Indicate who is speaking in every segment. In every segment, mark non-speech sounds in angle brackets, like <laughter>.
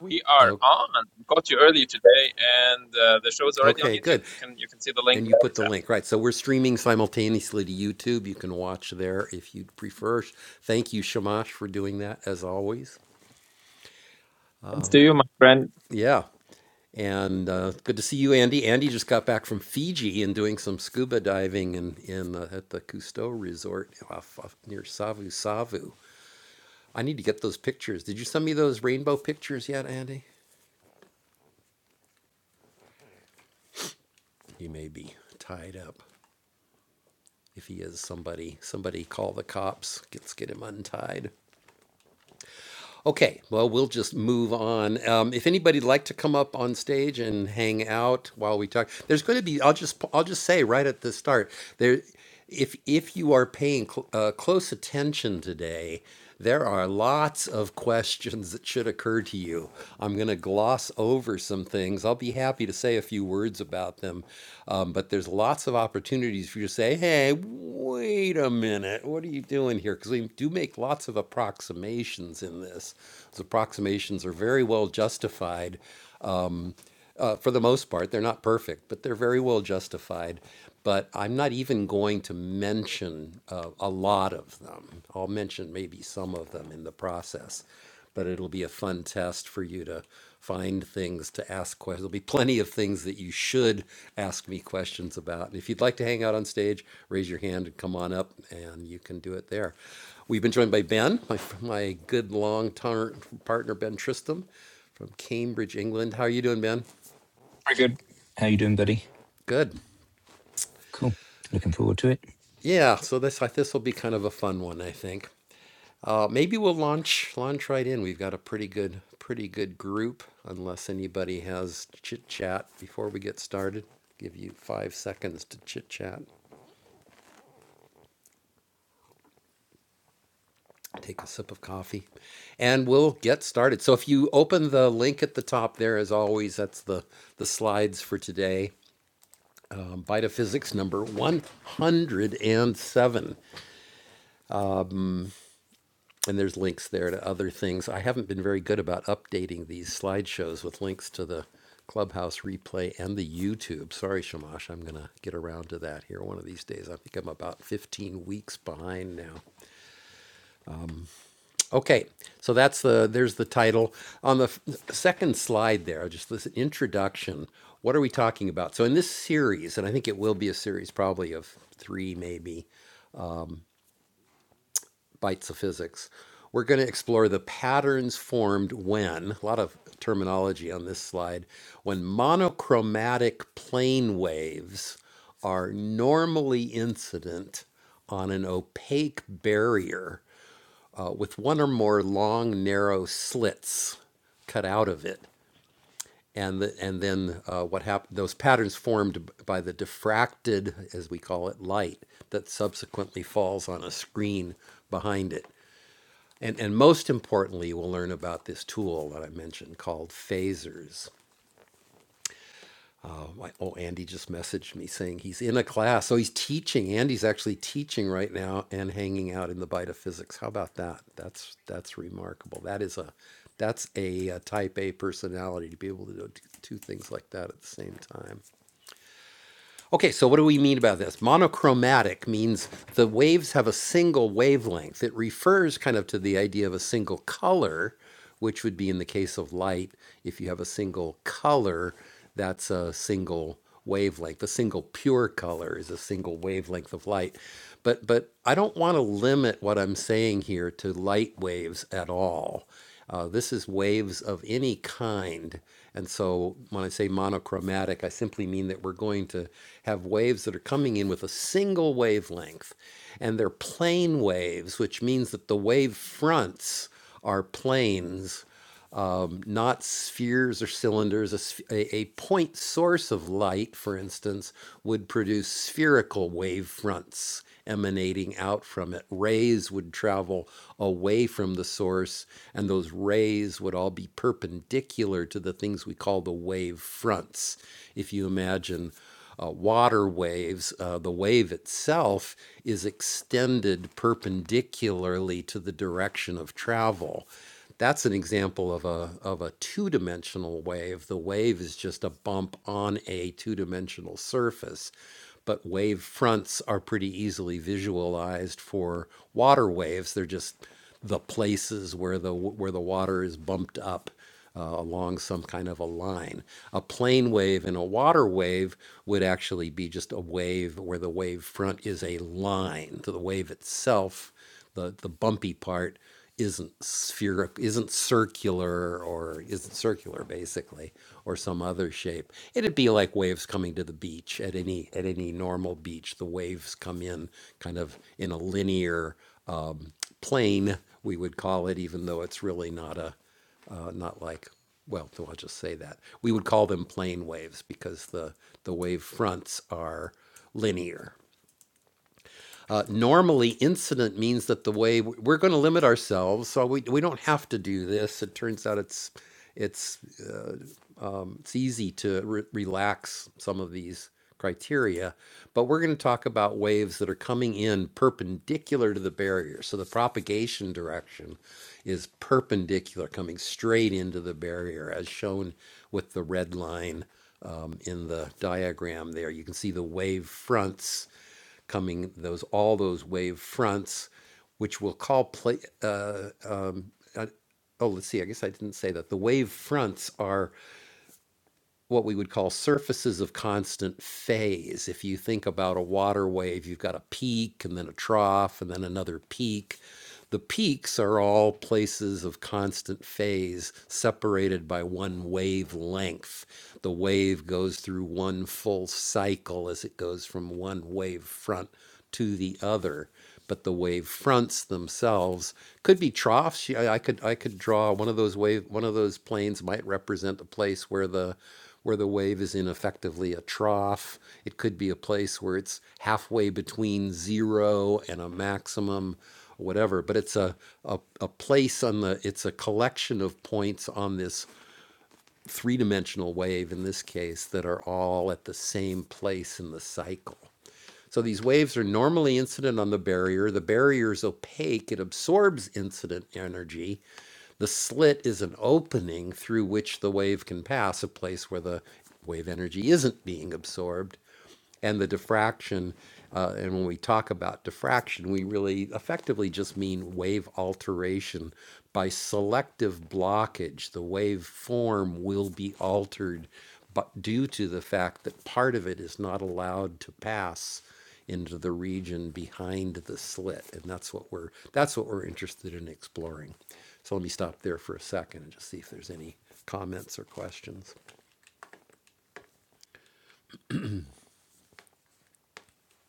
Speaker 1: We are on. Got you early today, and uh, the show is already on YouTube. You can you can see the link in the chat. Thanks to you, my friend. I
Speaker 2: Very good. How you doing, buddy? Cool. Looking forward to it.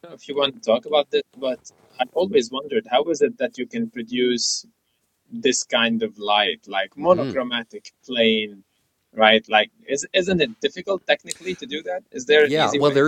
Speaker 1: don't know If you want to talk about this, but I always wondered how is it that you can produce this kind of light, like monochromatic, plain, right? Like, is isn't it difficult technically to do that? Is there an easy way?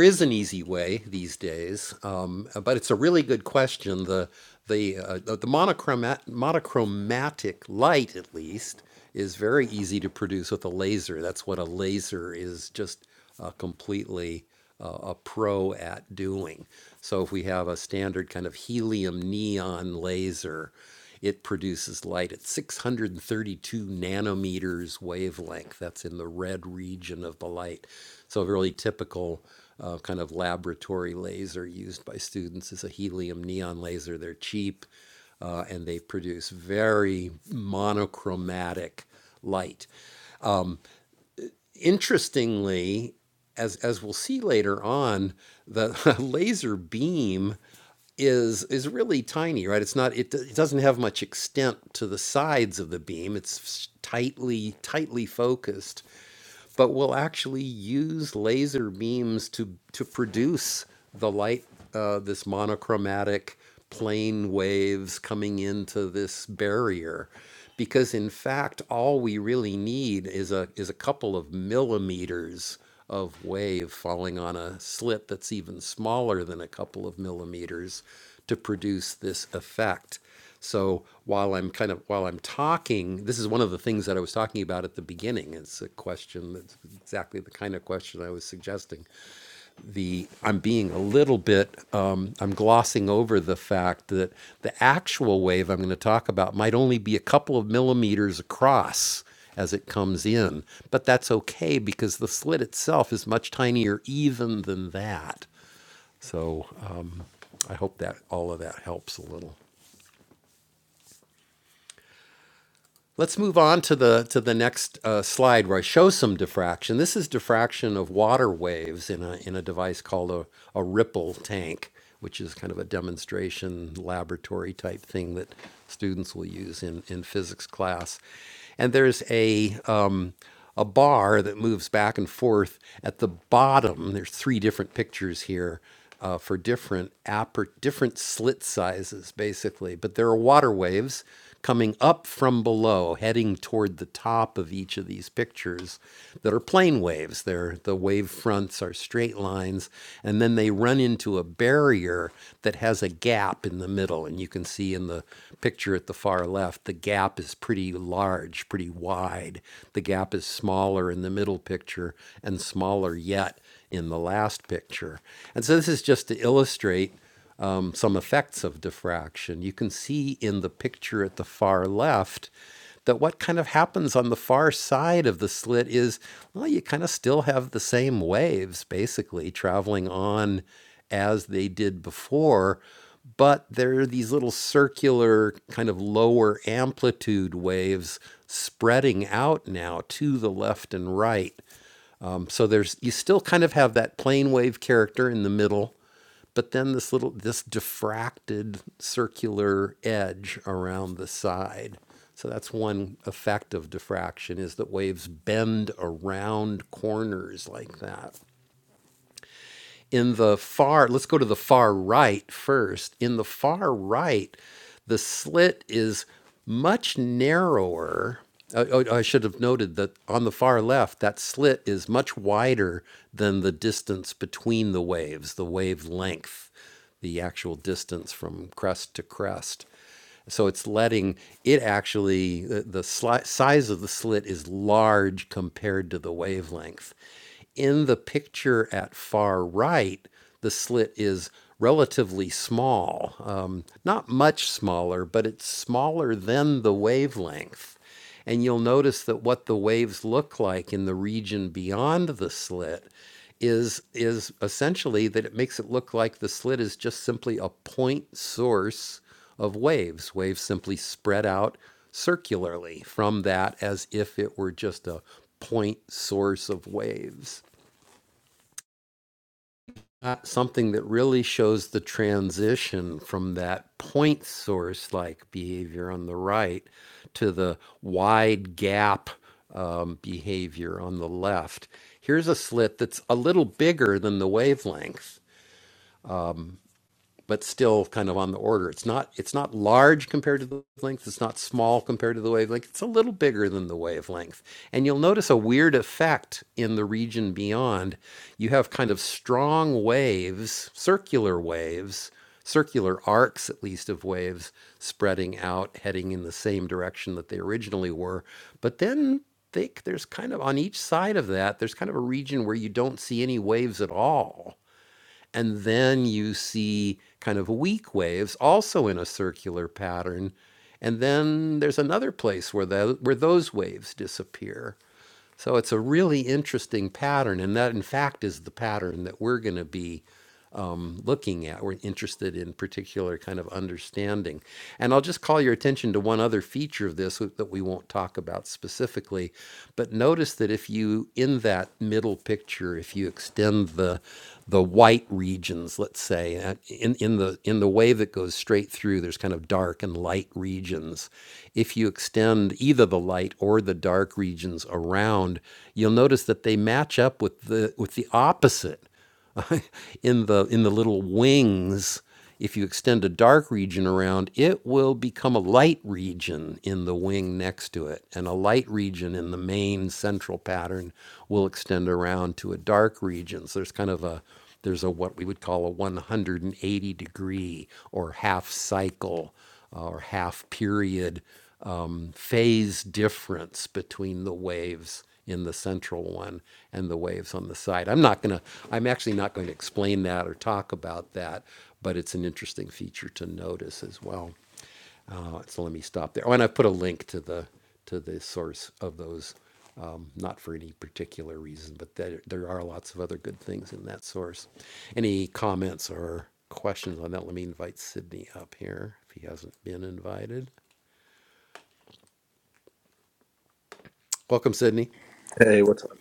Speaker 3: Hey, what's up?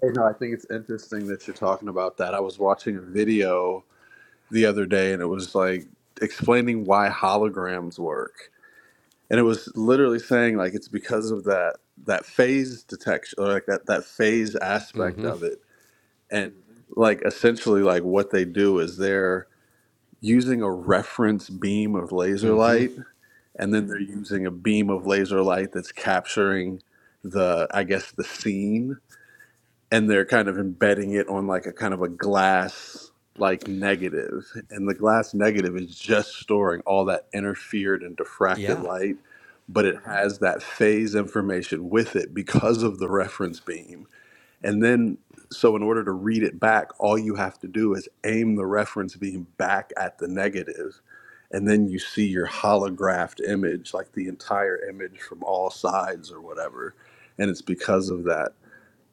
Speaker 3: Hey, no, I think it's interesting that you're talking about that. I was watching a video the other day and it was like explaining why holograms work. And it was literally saying like it's because of that that phase detection or like that that phase aspect of it. And like essentially like what they do is they're using a reference beam of laser light and then they're using a beam of laser light that's capturing the I guess the scene and they're kind of embedding it on like a kind of a glass like negative and the glass negative is just storing all that interfered and diffracted light but it has that phase information with it because of the reference beam and then so in order to read it back all you have to do is aim the reference beam back at the negative and then you see your holographed image like the entire image from all sides or whatever and it's because of that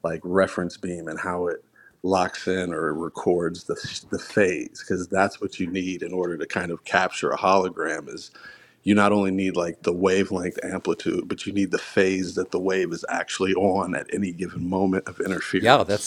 Speaker 3: like reference beam and how it locks in or records the, the phase because that's what you need in order to kind of capture a hologram is you not only need like the wavelength amplitude but you need the phase that the wave is actually on at any given moment of interference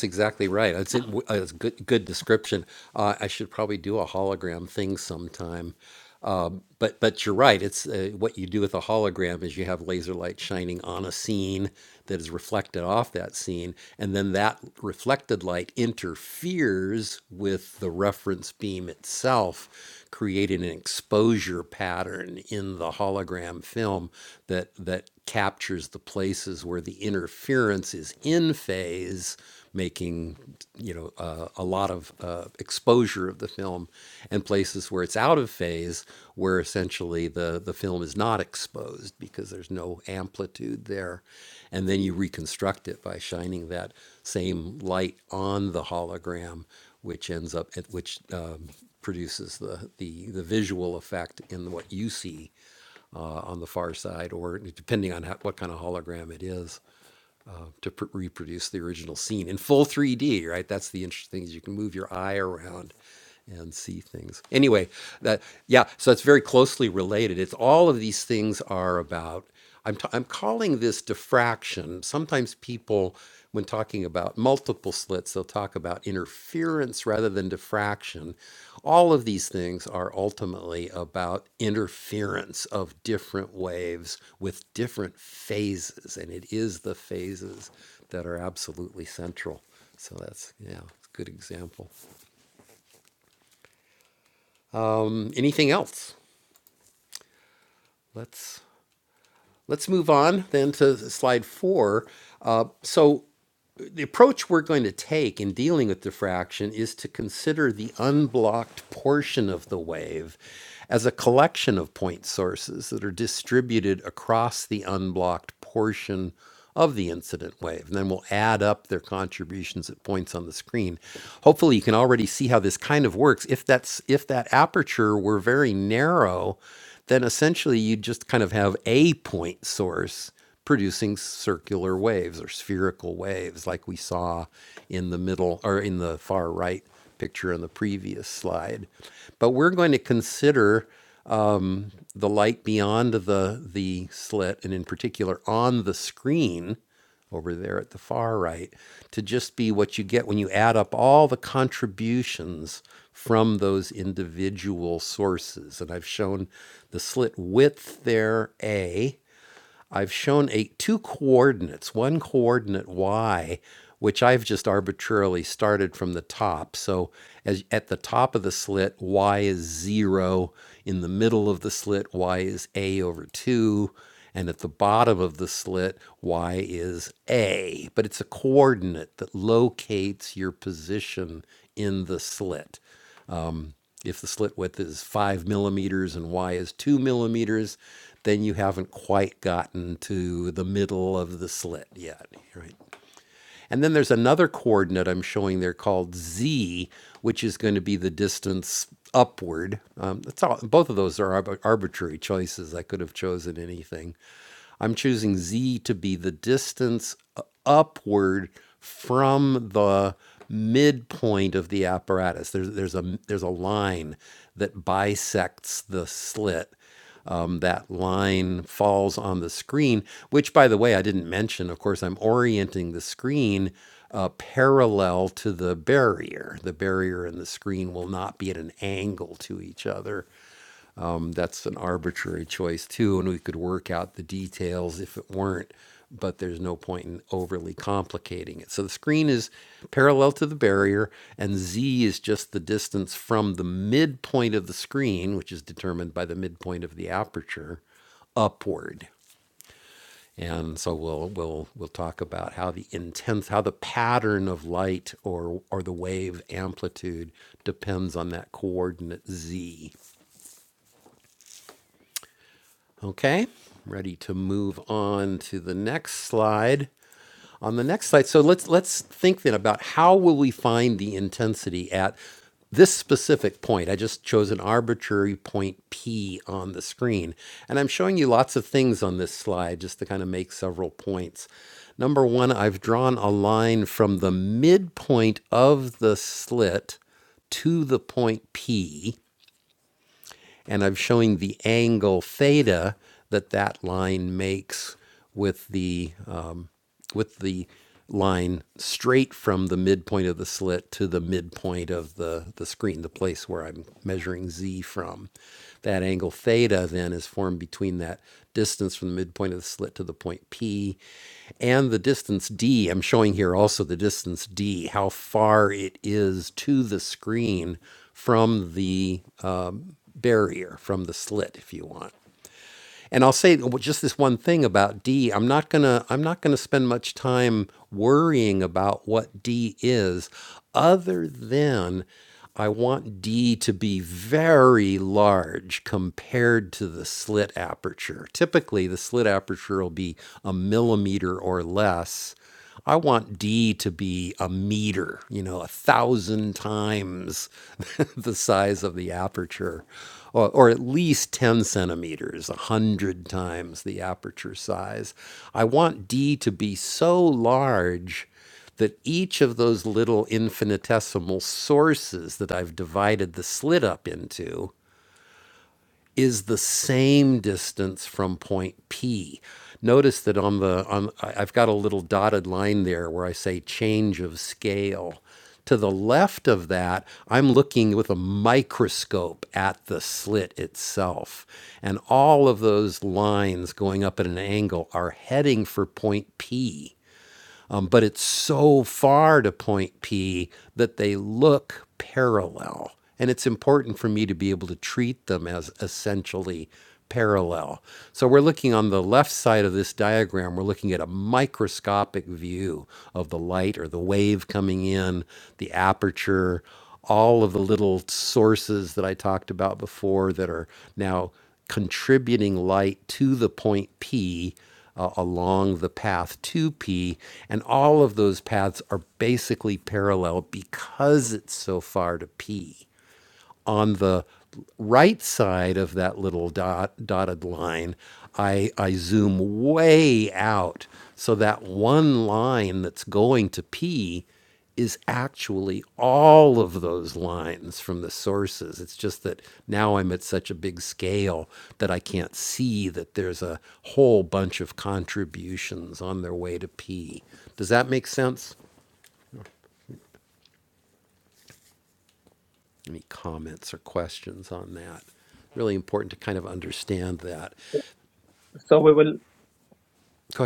Speaker 1: So we will,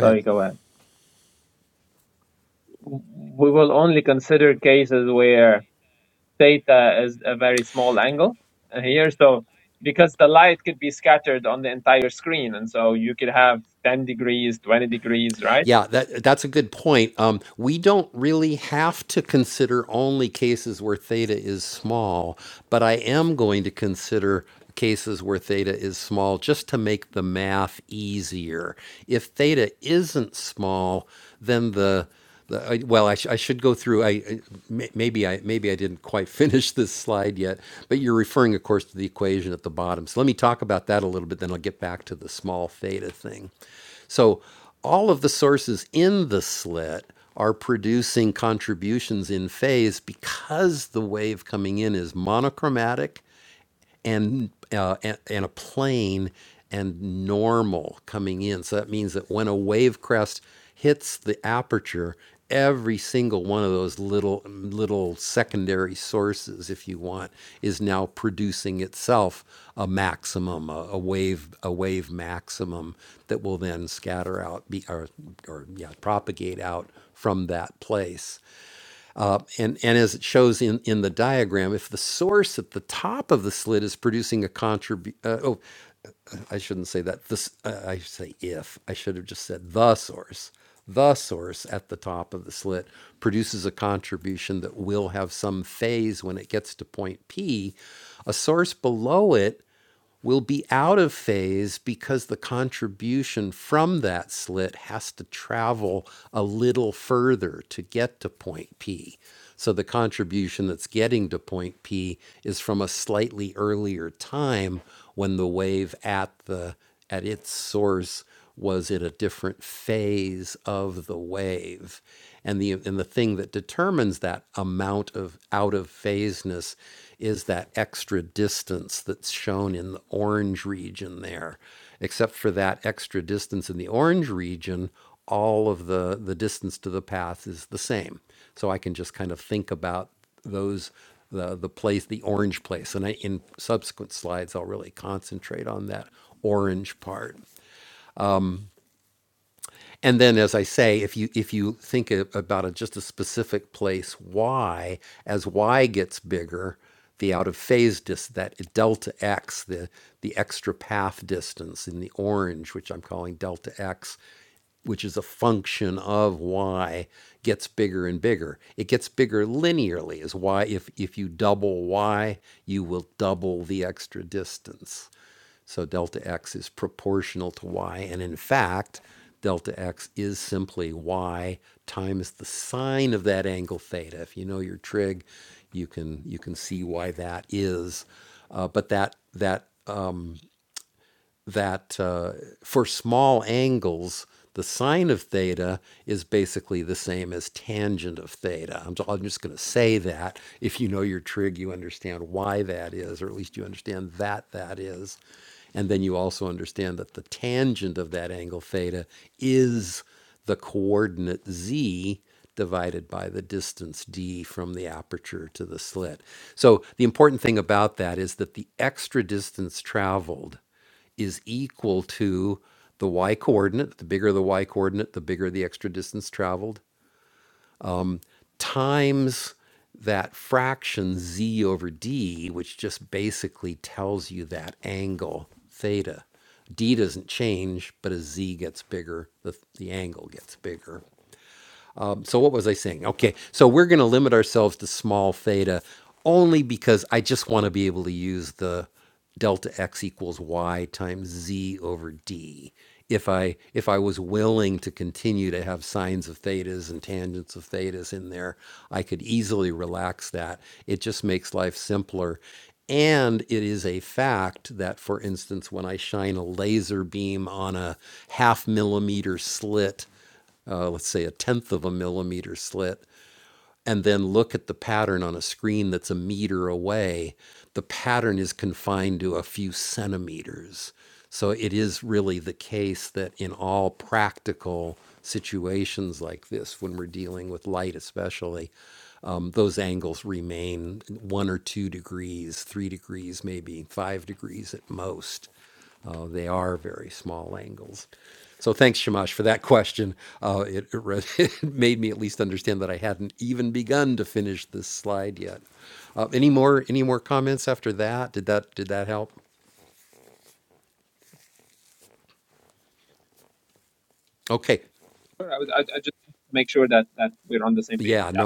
Speaker 1: sorry, go ahead. We will only consider cases where theta is a very small angle uh, here. So because the light could be scattered on the entire screen, and so you could have 10 degrees, 20 degrees, right? Sure, I, was, I, I just make sure that, that we're on the same page. Yeah.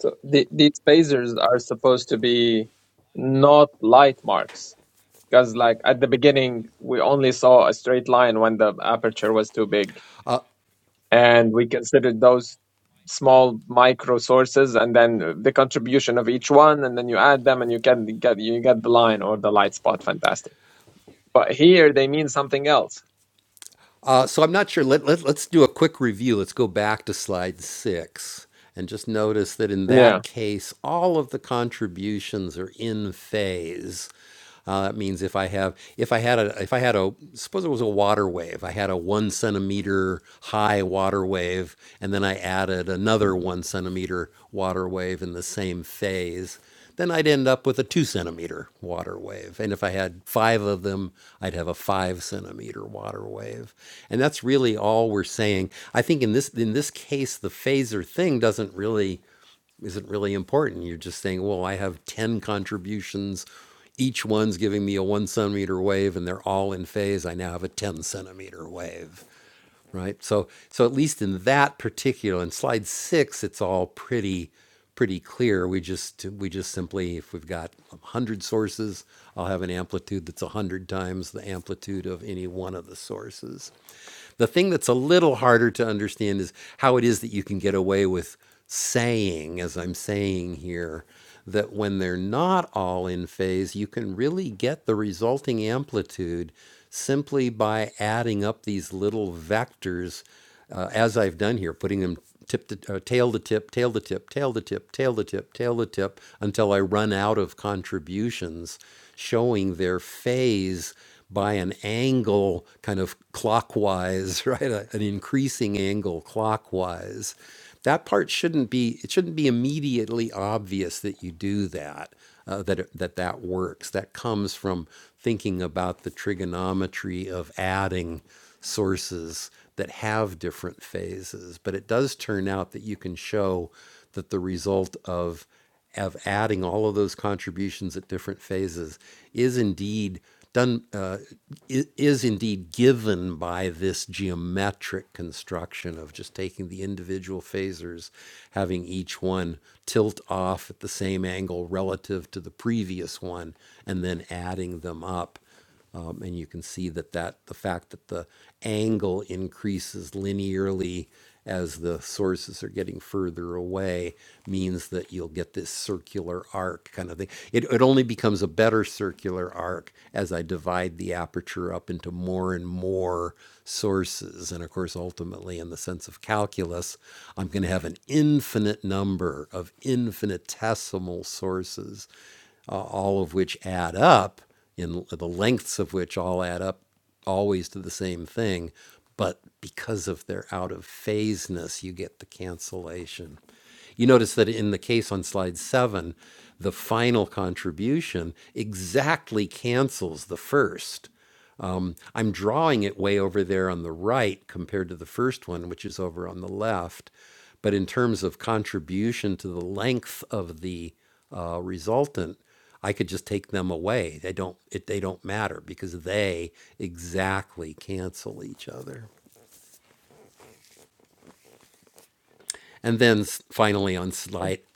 Speaker 1: So the, these phasers are supposed to be not light marks because, like at the beginning, we only saw a straight line when the aperture was too big. and we considered those small micro sources and then the contribution of each one and then you add them and you can get you get the line or the light spot fantastic but here they mean something else yeah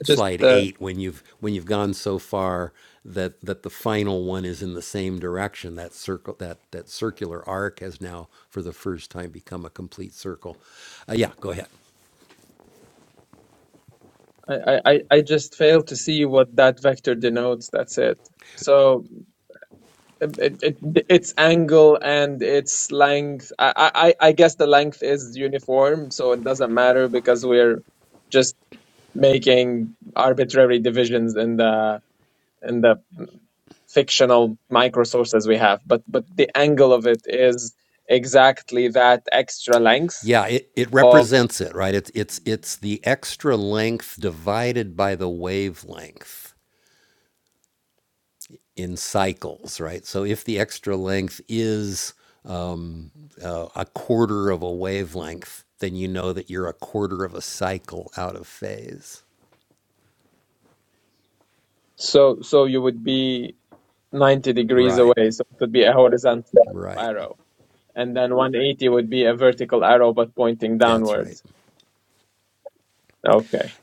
Speaker 1: just uh, I, I I I just fail to see what that vector denotes. That's it. So it, it, it- its angle and its length. I, I I I guess the length is uniform, so it doesn't matter because we're just making arbitrary divisions in the in the fictional micro sources we have but but the angle of it is exactly that extra length of so so you would be 90 degrees away so it would be a horizontal arrow and then 180 would be a vertical arrow but pointing downwards okay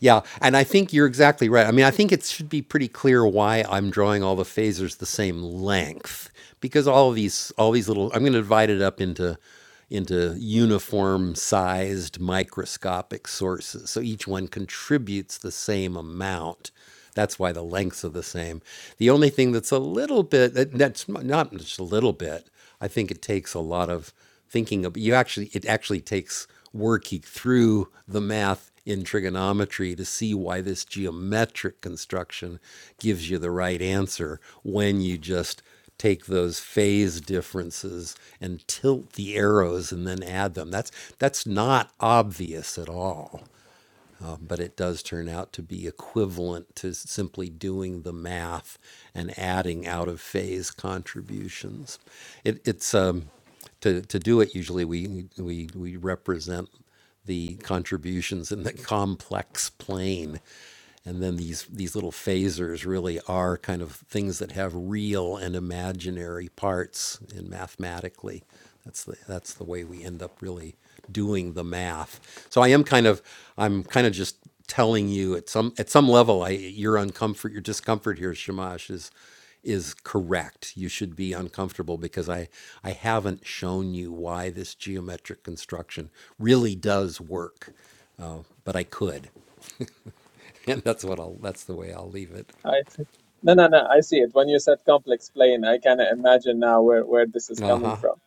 Speaker 1: i see. no no no i see it when you said complex plane i kind of imagine now where where this is coming from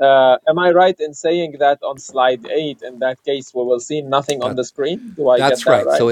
Speaker 1: Uh, am I right in saying that on slide eight, in that case, we will see nothing on the screen? Do I get that right?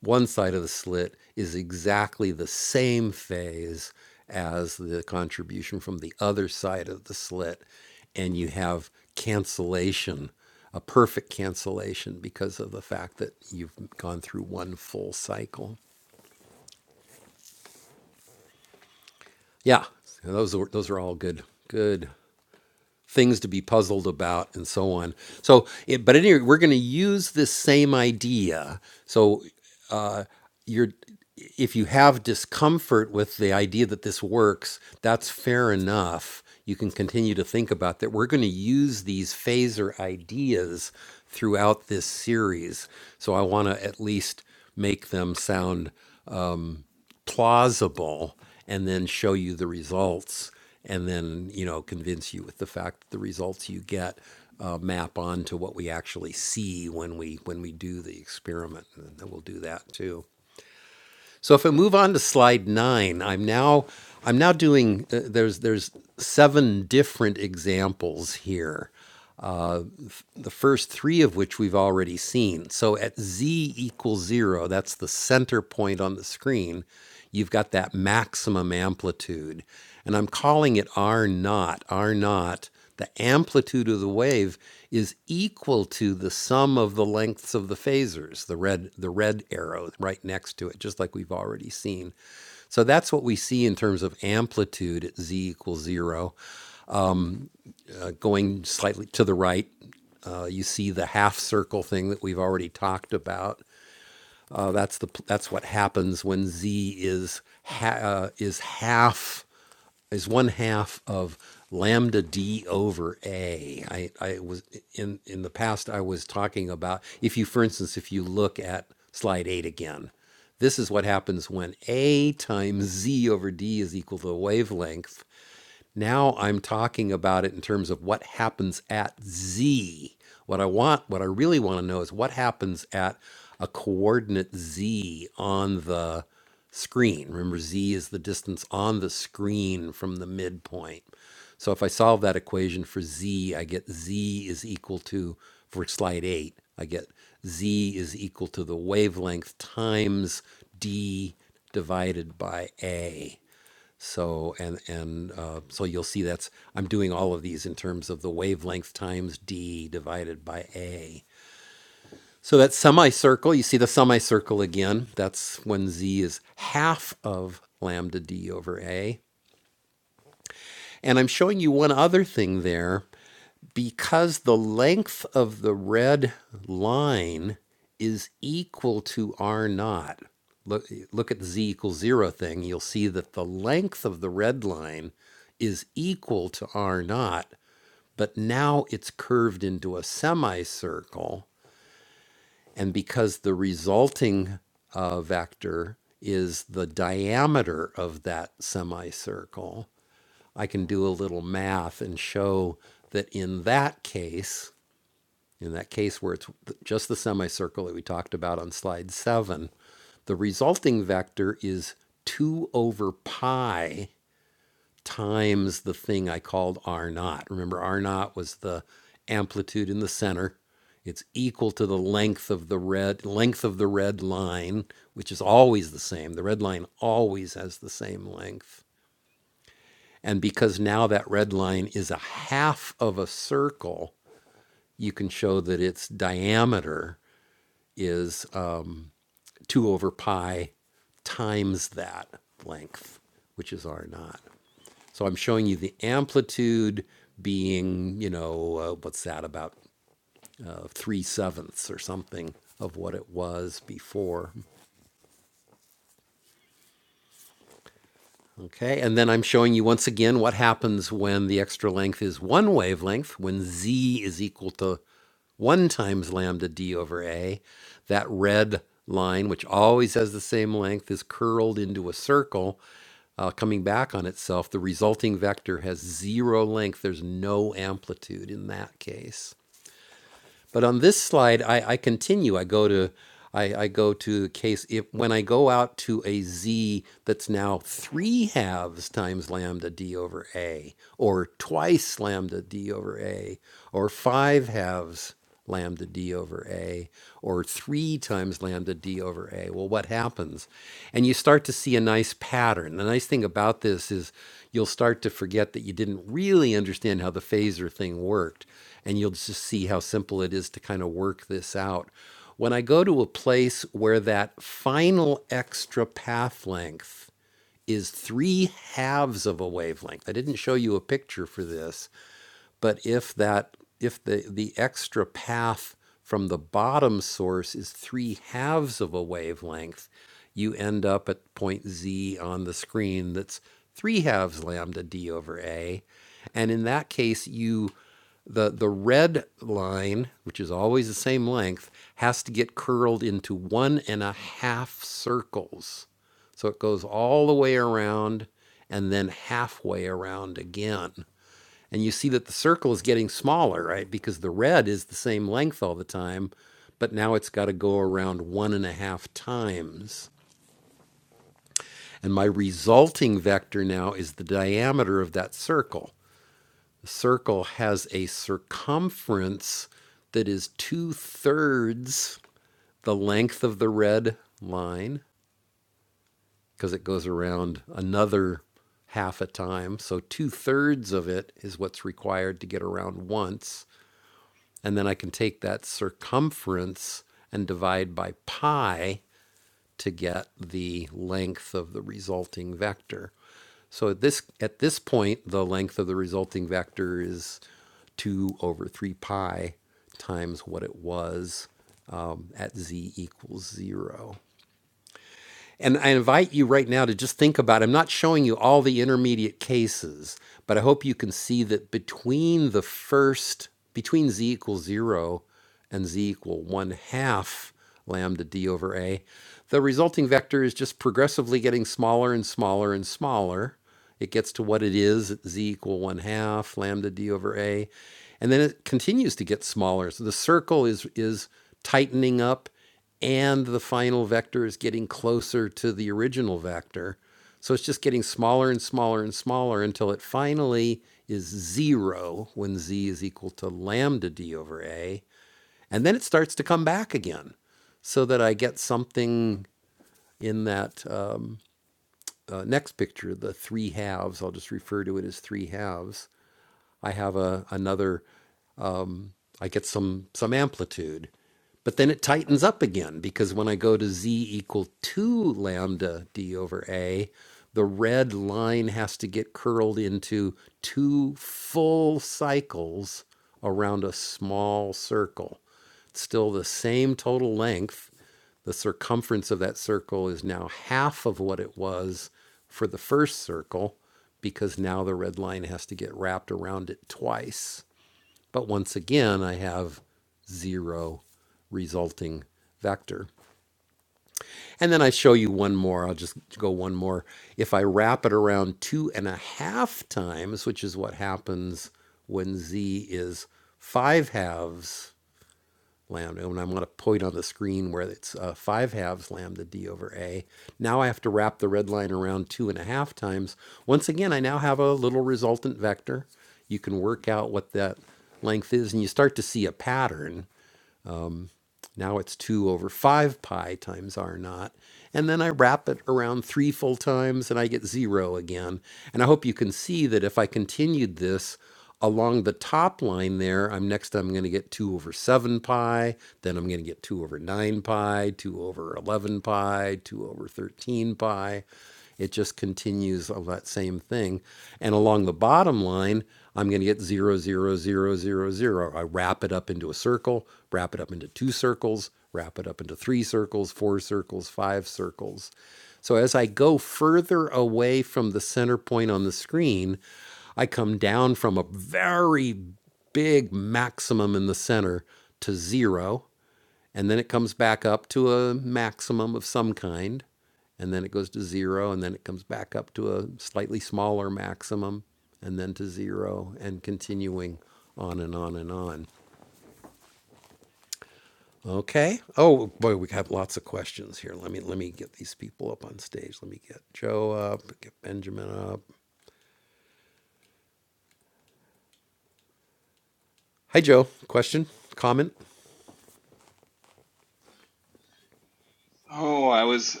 Speaker 4: Oh, I was I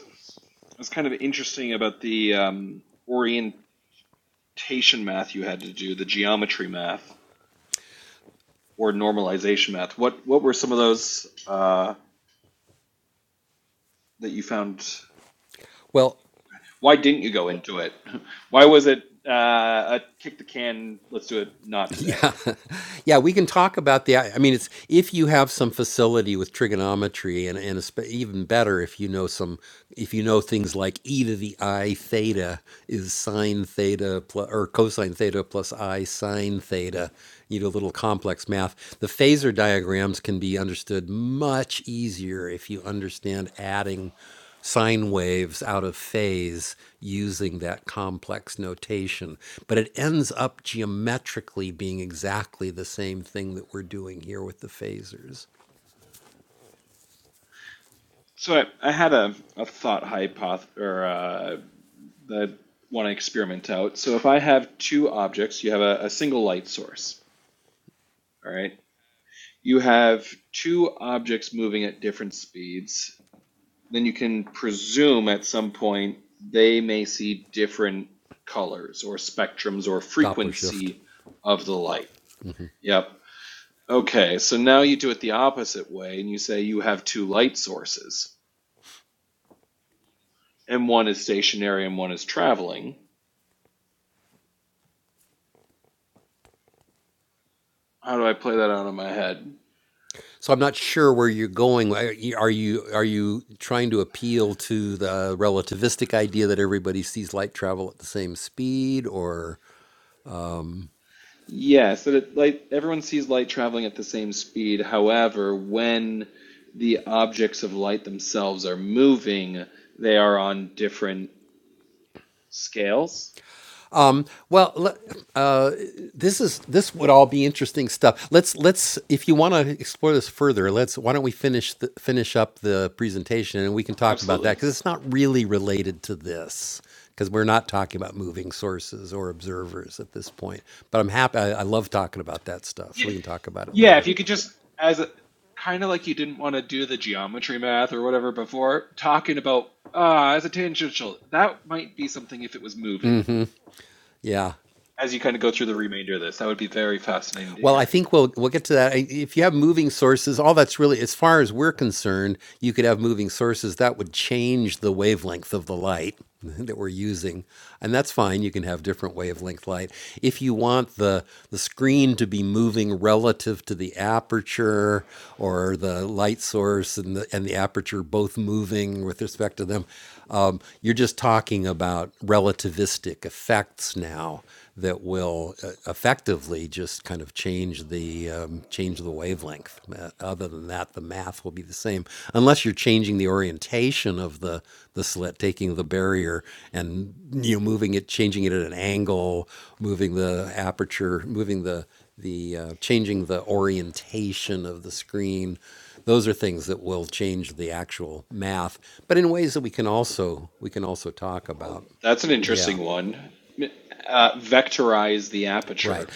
Speaker 4: was kind of interesting about the um, orientation math you had to do, the geometry math or normalization math. What what were some of those uh, that you found? Why didn't you go into it? <laughs> Why was it uh, a kick the can? Let's do it not today. So I, I had a, a thought hypothesis or uh, that I want to experiment out. So if I have two objects, you have a, a single light source. All right. You have two objects moving at different speeds. Then you can presume at some point they may see different colors or spectrums or frequency of the light. Yep. Okay, so now you do it the opposite way and you say you have two light sources and one is stationary and one is traveling. How do I play that out in my head? Yeah, so that light everyone sees light traveling at the same speed. However, when the objects of light themselves are moving, they are on different scales. Absolutely. Yeah, yeah if you could just as a, kind of like you didn't want to do the geometry math or whatever before, talking about ah as a tangential, that might be something if it was moving. As you kind of go through the remainder of this, that would be very fascinating to hear. Well, that's an interesting one. Uh, vectorize the aperture.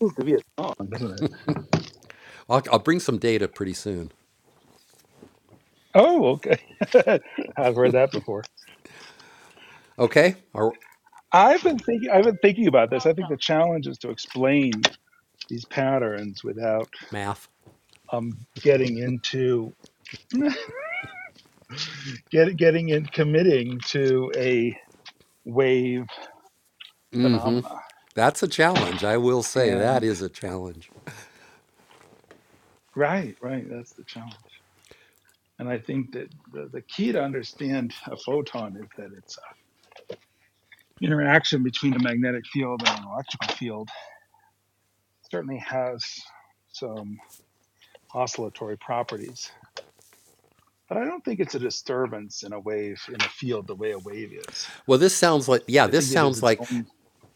Speaker 5: seems to be a song, doesn't it? Oh, okay. <laughs> I've heard that before. I've been thinking. I've been thinking about this. I think the challenge is to explain these patterns without um, getting into <laughs> get, getting in committing to a wave phenomena. And right, right, that's the challenge. And I think that the, the key to understand a photon is that its uh, interaction between a magnetic field and an electrical field certainly has. some. oscillatory properties. But I don't think it's a disturbance in a wave in a field the way a wave is. I think it is its own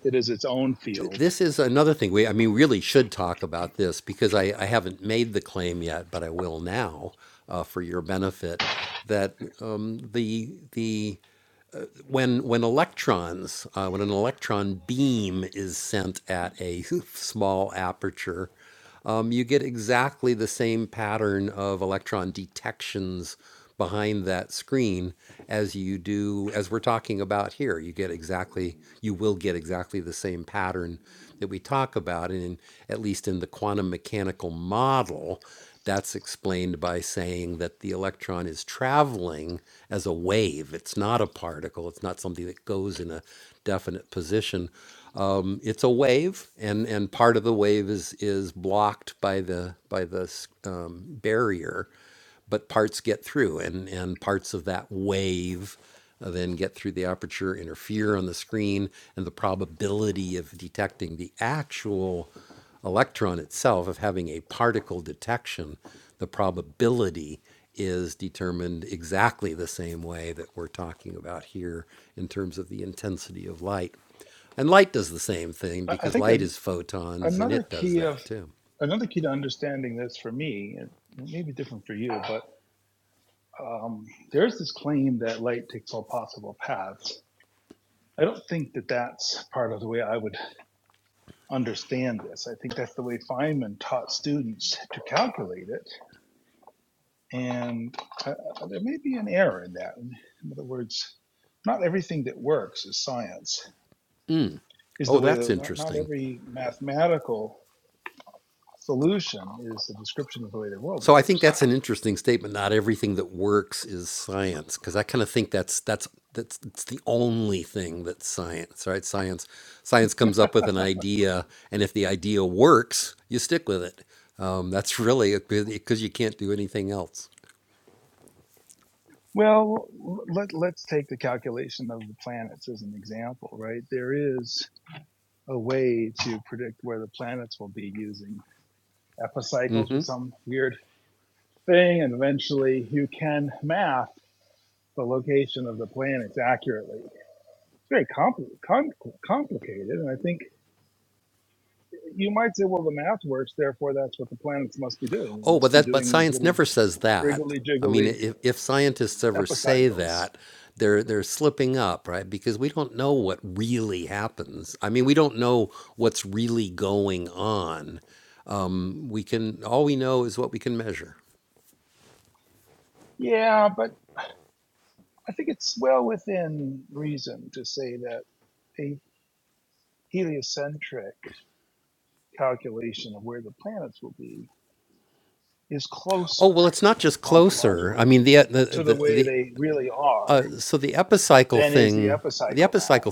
Speaker 5: it is its own field. I think an, another key of another key to understanding this for me, it may be different for you, but um, there's this claim that light takes all possible paths. I don't think that that's part of the way I would understand this. I think that's the way Feynman taught students to calculate it And uh, uh, there may be an error in that. In other words, not everything that works is science, is the way that not, not every mathematical solution is a description of the way the world works. Well, let, let's take the calculation of the planets as an example, right? There is a way to predict where the planets will be using epicycles or some weird thing, and eventually you can math the location of the planets accurately. it's very compli com- complicated. And I think you might say, well, the math works, therefore that's what the planets must be doing. They must be doing these little wriggly jiggly epicycles. Yeah, but I think it's well within reason to say that a heliocentric calculation of where the planets will be is closer ontologically to the way they really are than is the epicycle math.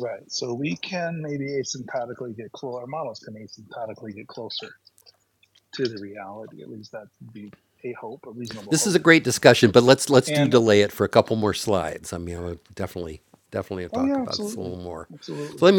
Speaker 5: Right. So we can maybe asymptotically get close. Our models can asymptotically get closer to the reality. At least that would be a hope, a reasonable hope. And oh yeah, absolutely, absolutely.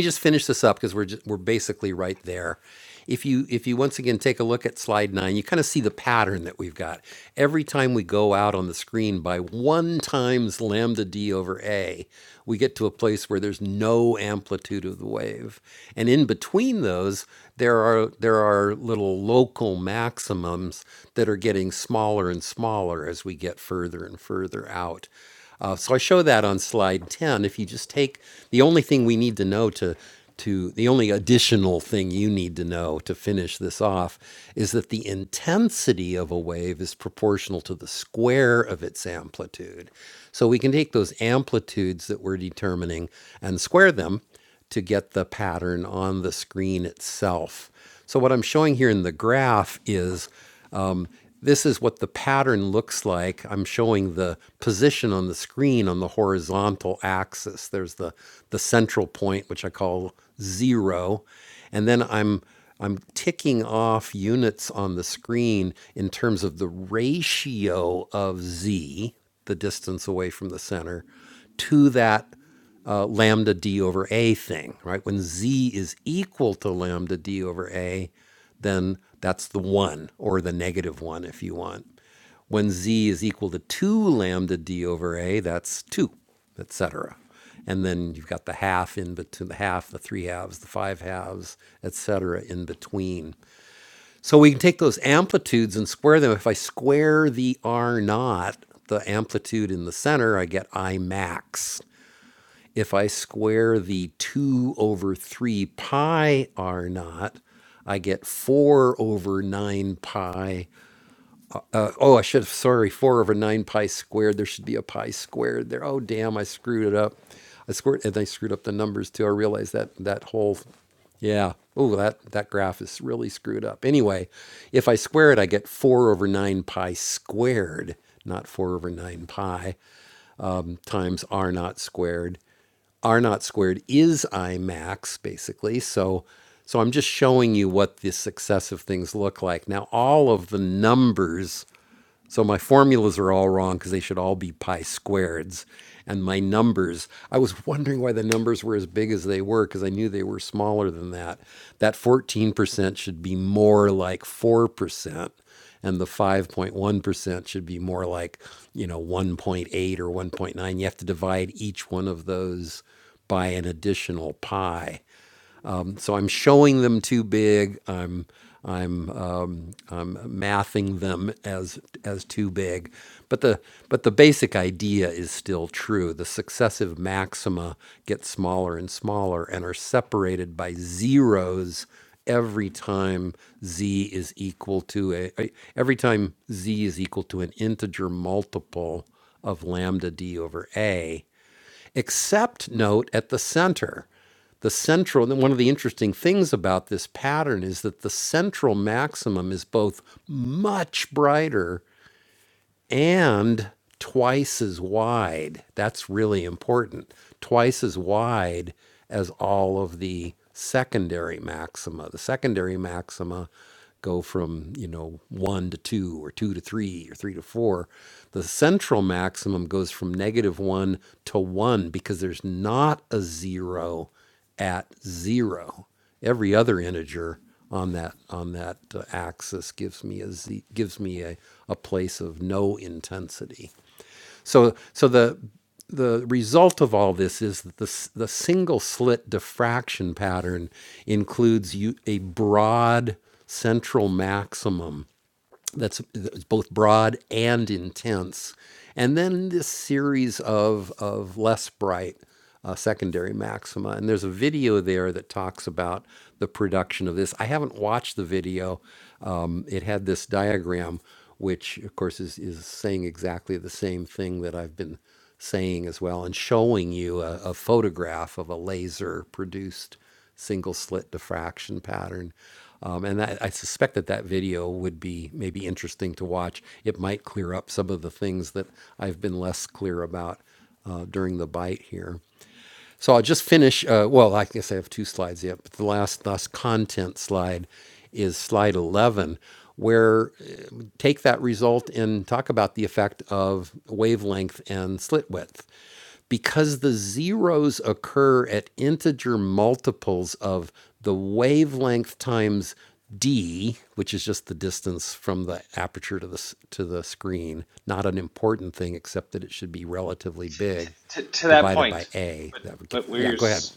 Speaker 4: To, to that point, but but where you're s-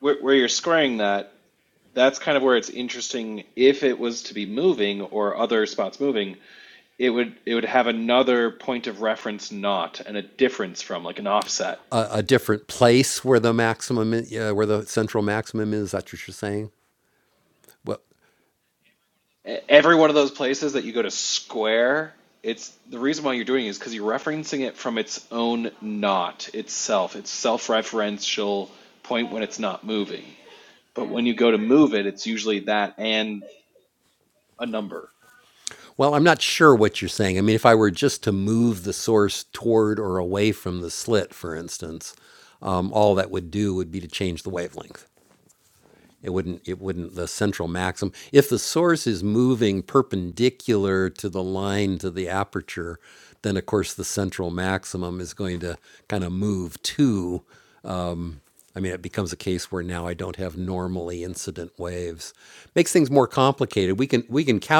Speaker 4: where, where you're squaring that, that's kind of where it's interesting. If it was to be moving or other spots moving, it would it would have another point of reference, not and a difference from like an offset. E- Every one of those places that you go to square, it's the reason why you're doing it is because you're referencing it from its own knot itself. It's self-referential point when it's not moving. But when you go to move it, it's usually that and a number.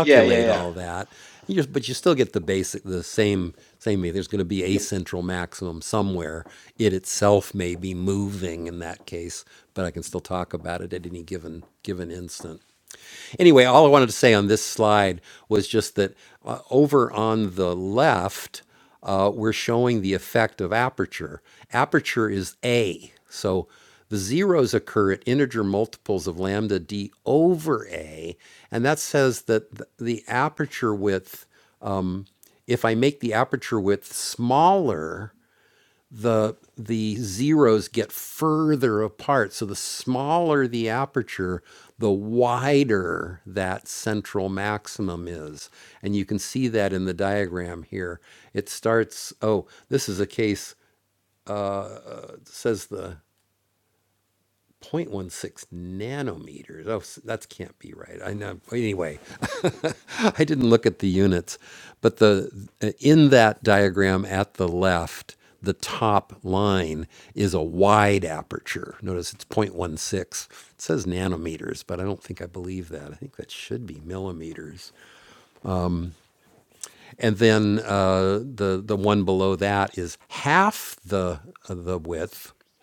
Speaker 4: Yeah, yeah, yeah. Yep.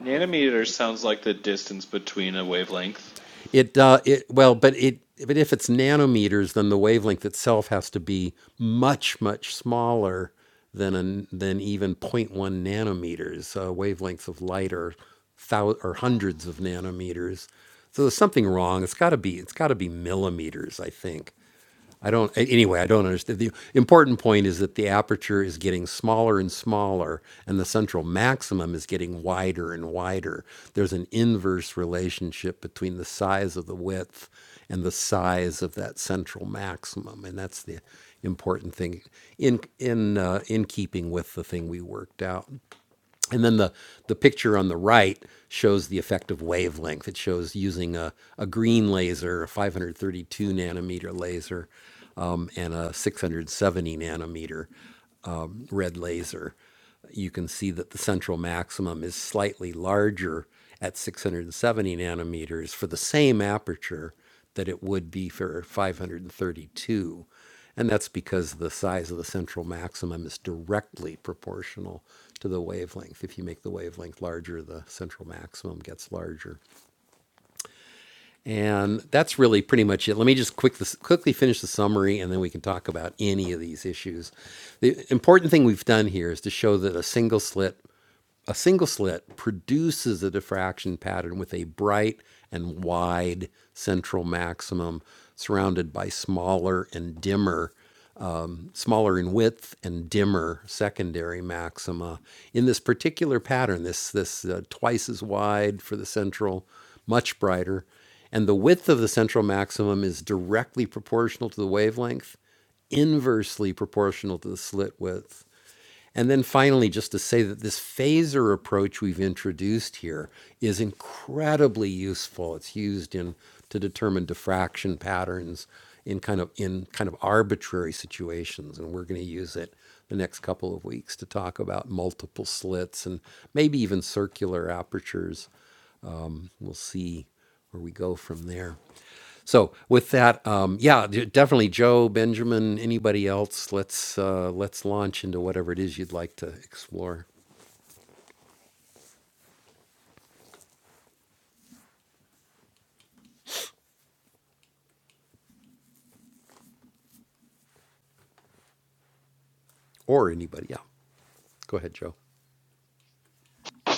Speaker 4: Nanometer sounds like the distance between a wavelength.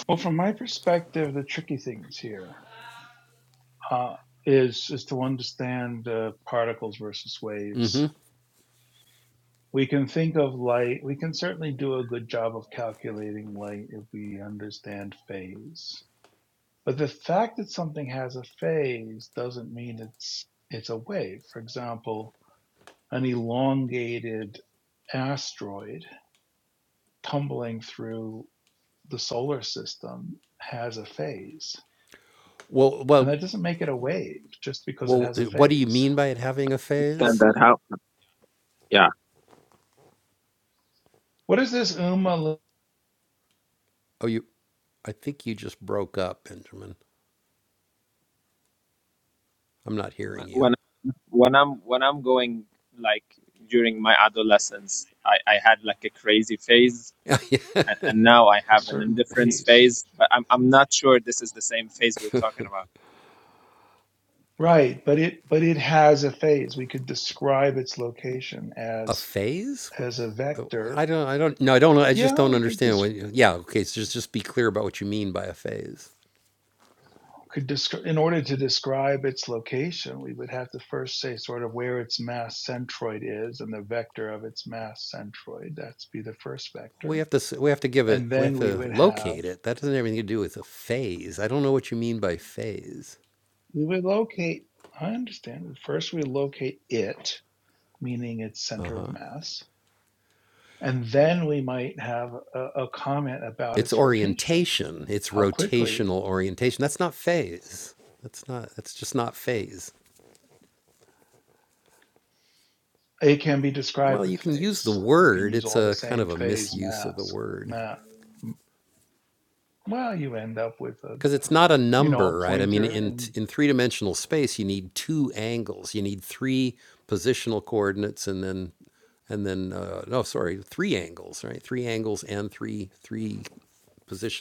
Speaker 5: Well, from my perspective, the tricky things here uh, is is to understand uh, particles versus waves. We can think of light. We can certainly do a good job of calculating light if we understand phase. But the fact that something has a phase doesn't mean it's it's a wave. For example, an elongated asteroid tumbling through the solar system has a phase. And that doesn't make it a wave just because it has a phase.
Speaker 1: Then that how? Yeah.
Speaker 5: What is this UMA lo-
Speaker 1: When when I'm when I'm going like during my adolescence, I I had like a crazy phase, and, and now I
Speaker 5: a
Speaker 1: have an
Speaker 5: certain
Speaker 1: indifference
Speaker 5: pace?
Speaker 1: phase. But I'm I'm not sure this is the same phase we're talking about.
Speaker 5: Right, but it but it has a phase. We could describe its location as as a vector. Yeah, we could. dis- could descri- in order to describe its location, we would have to first say sort of where its mass centroid is and the vector of its mass centroid. That's be the first vector. And then we would have, we would locate, I understand. First we locate it, meaning its center of mass. And then we might have a, a comment about its rotation, how quickly it can be described with phase. You can use all the same phase mass, map, well, you end up with a you know, a pointer and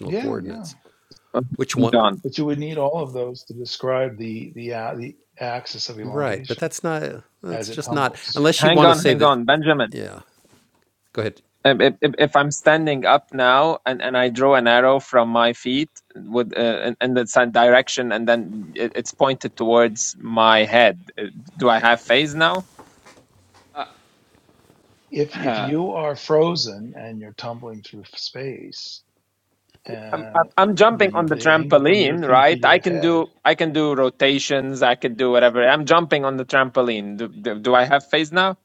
Speaker 5: yeah, yeah.
Speaker 1: Oh, Hang on,
Speaker 5: But you would need all of those to describe the the uh, the axis of elongation as it tumbles.
Speaker 1: hang on, hang on, Benjamin. if, if, if if I'm standing up now and, and I draw an arrow from my feet with uh, in, in the same direction and then it, it's pointed towards my head, uh, do I have phase now?
Speaker 4: Uh,
Speaker 5: If if
Speaker 4: huh.
Speaker 5: you are frozen and you're tumbling through space,
Speaker 1: I'm, I'm
Speaker 5: uh,
Speaker 1: I'm jumping
Speaker 5: the
Speaker 1: on the
Speaker 5: the angle from your
Speaker 1: trampoline,
Speaker 5: feet to
Speaker 1: right? I
Speaker 5: your
Speaker 1: can
Speaker 5: head,
Speaker 1: do I can do rotations. I can do whatever. I'm jumping on the trampoline. Do, do, do I have phase now?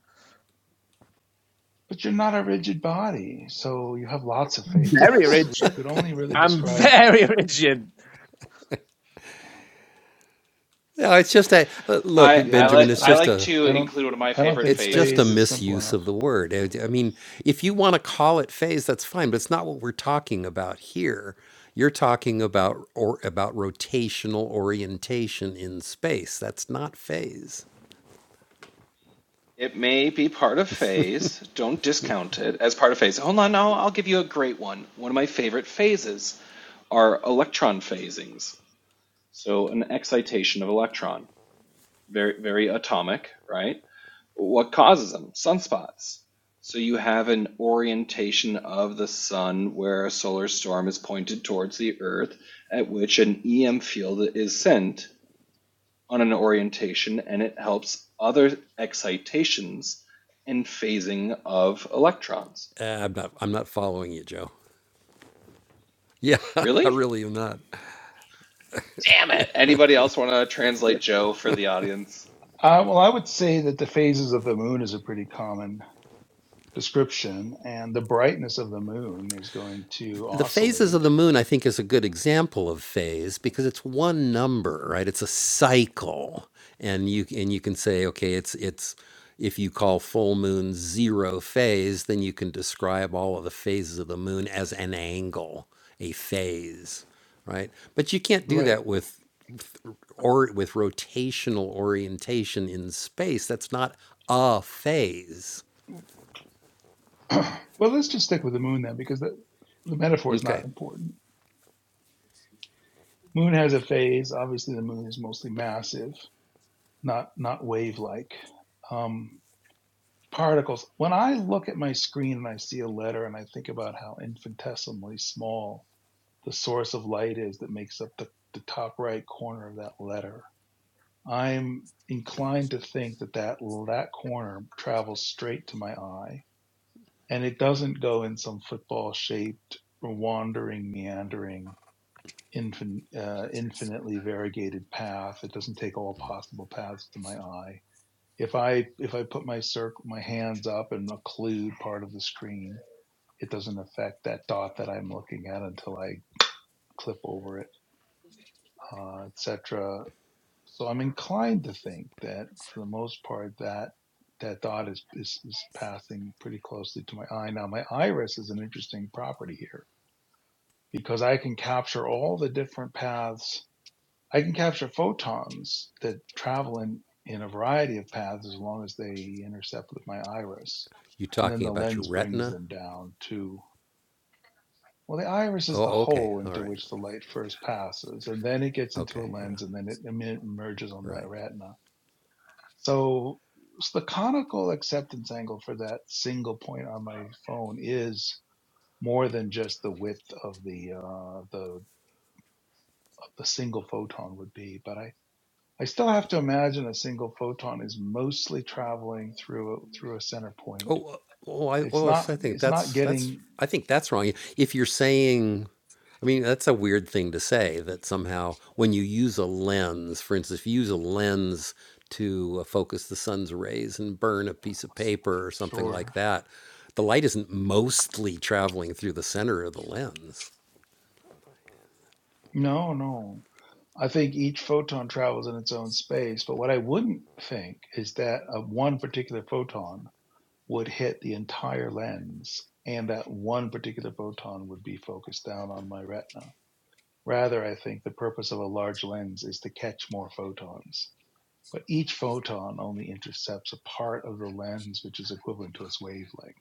Speaker 5: but you're not a rigid body, so you have lots of
Speaker 1: Very
Speaker 5: phases. We
Speaker 1: rigid.
Speaker 5: could only really
Speaker 1: I'm
Speaker 5: describe.
Speaker 1: very <laughs> rigid.
Speaker 4: I
Speaker 5: Yeah,
Speaker 4: I
Speaker 5: I
Speaker 4: like
Speaker 5: just
Speaker 4: I
Speaker 5: don't.
Speaker 4: like to
Speaker 5: I don't.
Speaker 4: include one of my
Speaker 5: I don't
Speaker 4: favorite
Speaker 5: think phase
Speaker 4: phases.
Speaker 5: is simple enough.
Speaker 4: It may be part of phase. Don't discount it as part of phase. Hold on, now I'll give you a great one. One of my favorite phases are electron phasings. So an excitation of electron, very very atomic, right? What causes them? Sunspots. So you have an orientation of the sun where a solar storm is pointed towards the earth, at which an EM field is sent on an orientation and it helps other excitations and phasing of electrons. Really? Damn it. Anybody else want to translate Joe for the audience?
Speaker 5: Uh, well, I would say that the phases of the moon is a pretty common description, and the brightness of the moon is going to oscillate. Right. <clears throat> well, let's just stick with the moon then, because the, the metaphor is not important. Moon has a phase. Obviously, the moon is mostly massive, not not wave-like. Um, particles. When I look at my screen and I see a letter and I think about how infinitesimally small the source of light is that makes up the, the top right corner of that letter. I'm inclined to think that, that that corner travels straight to my eye and it doesn't go in some football shaped, wandering, meandering, infin- uh, infinitely variegated path. It doesn't take all possible paths to my eye. If I if I put my circle my hands up and occlude part of the screen, it doesn't affect that dot that I'm looking at until I clip over it, uh, etc. So I'm inclined to think that for the most part that that dot is, is is passing pretty closely to my eye. Now my iris is an interesting property here because I can capture all the different paths. I can capture photons that travel in in a variety of paths as long as they intercept with my iris. And then the lens brings them down to well, the iris is the hole into which the light first passes, and then it gets into a lens, and then it emerges on the retina So, s- the conical acceptance angle for that single point on my phone is more than just the width of the uh, the the single photon would be, but I. I still have to imagine a single photon is mostly traveling through through a center point. It's not it's not getting sure. No, no. I think each photon travels in its own space, but what I wouldn't think is that a one particular photon would hit the entire lens and that one particular photon would be focused down on my retina. Rather, I think the purpose of a large lens is to catch more photons. But each photon only intercepts a part of the lens which is equivalent to its wavelength.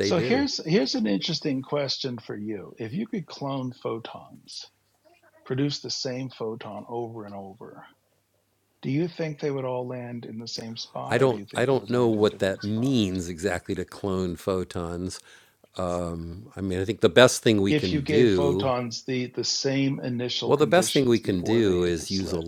Speaker 5: So here's here's an interesting question for you. If you could clone photons, produce the same photon over and over, do you think they would all land in the same spot or do you think they would land in different spots? if you gave photons the, the same initial conditions before they hit the slit.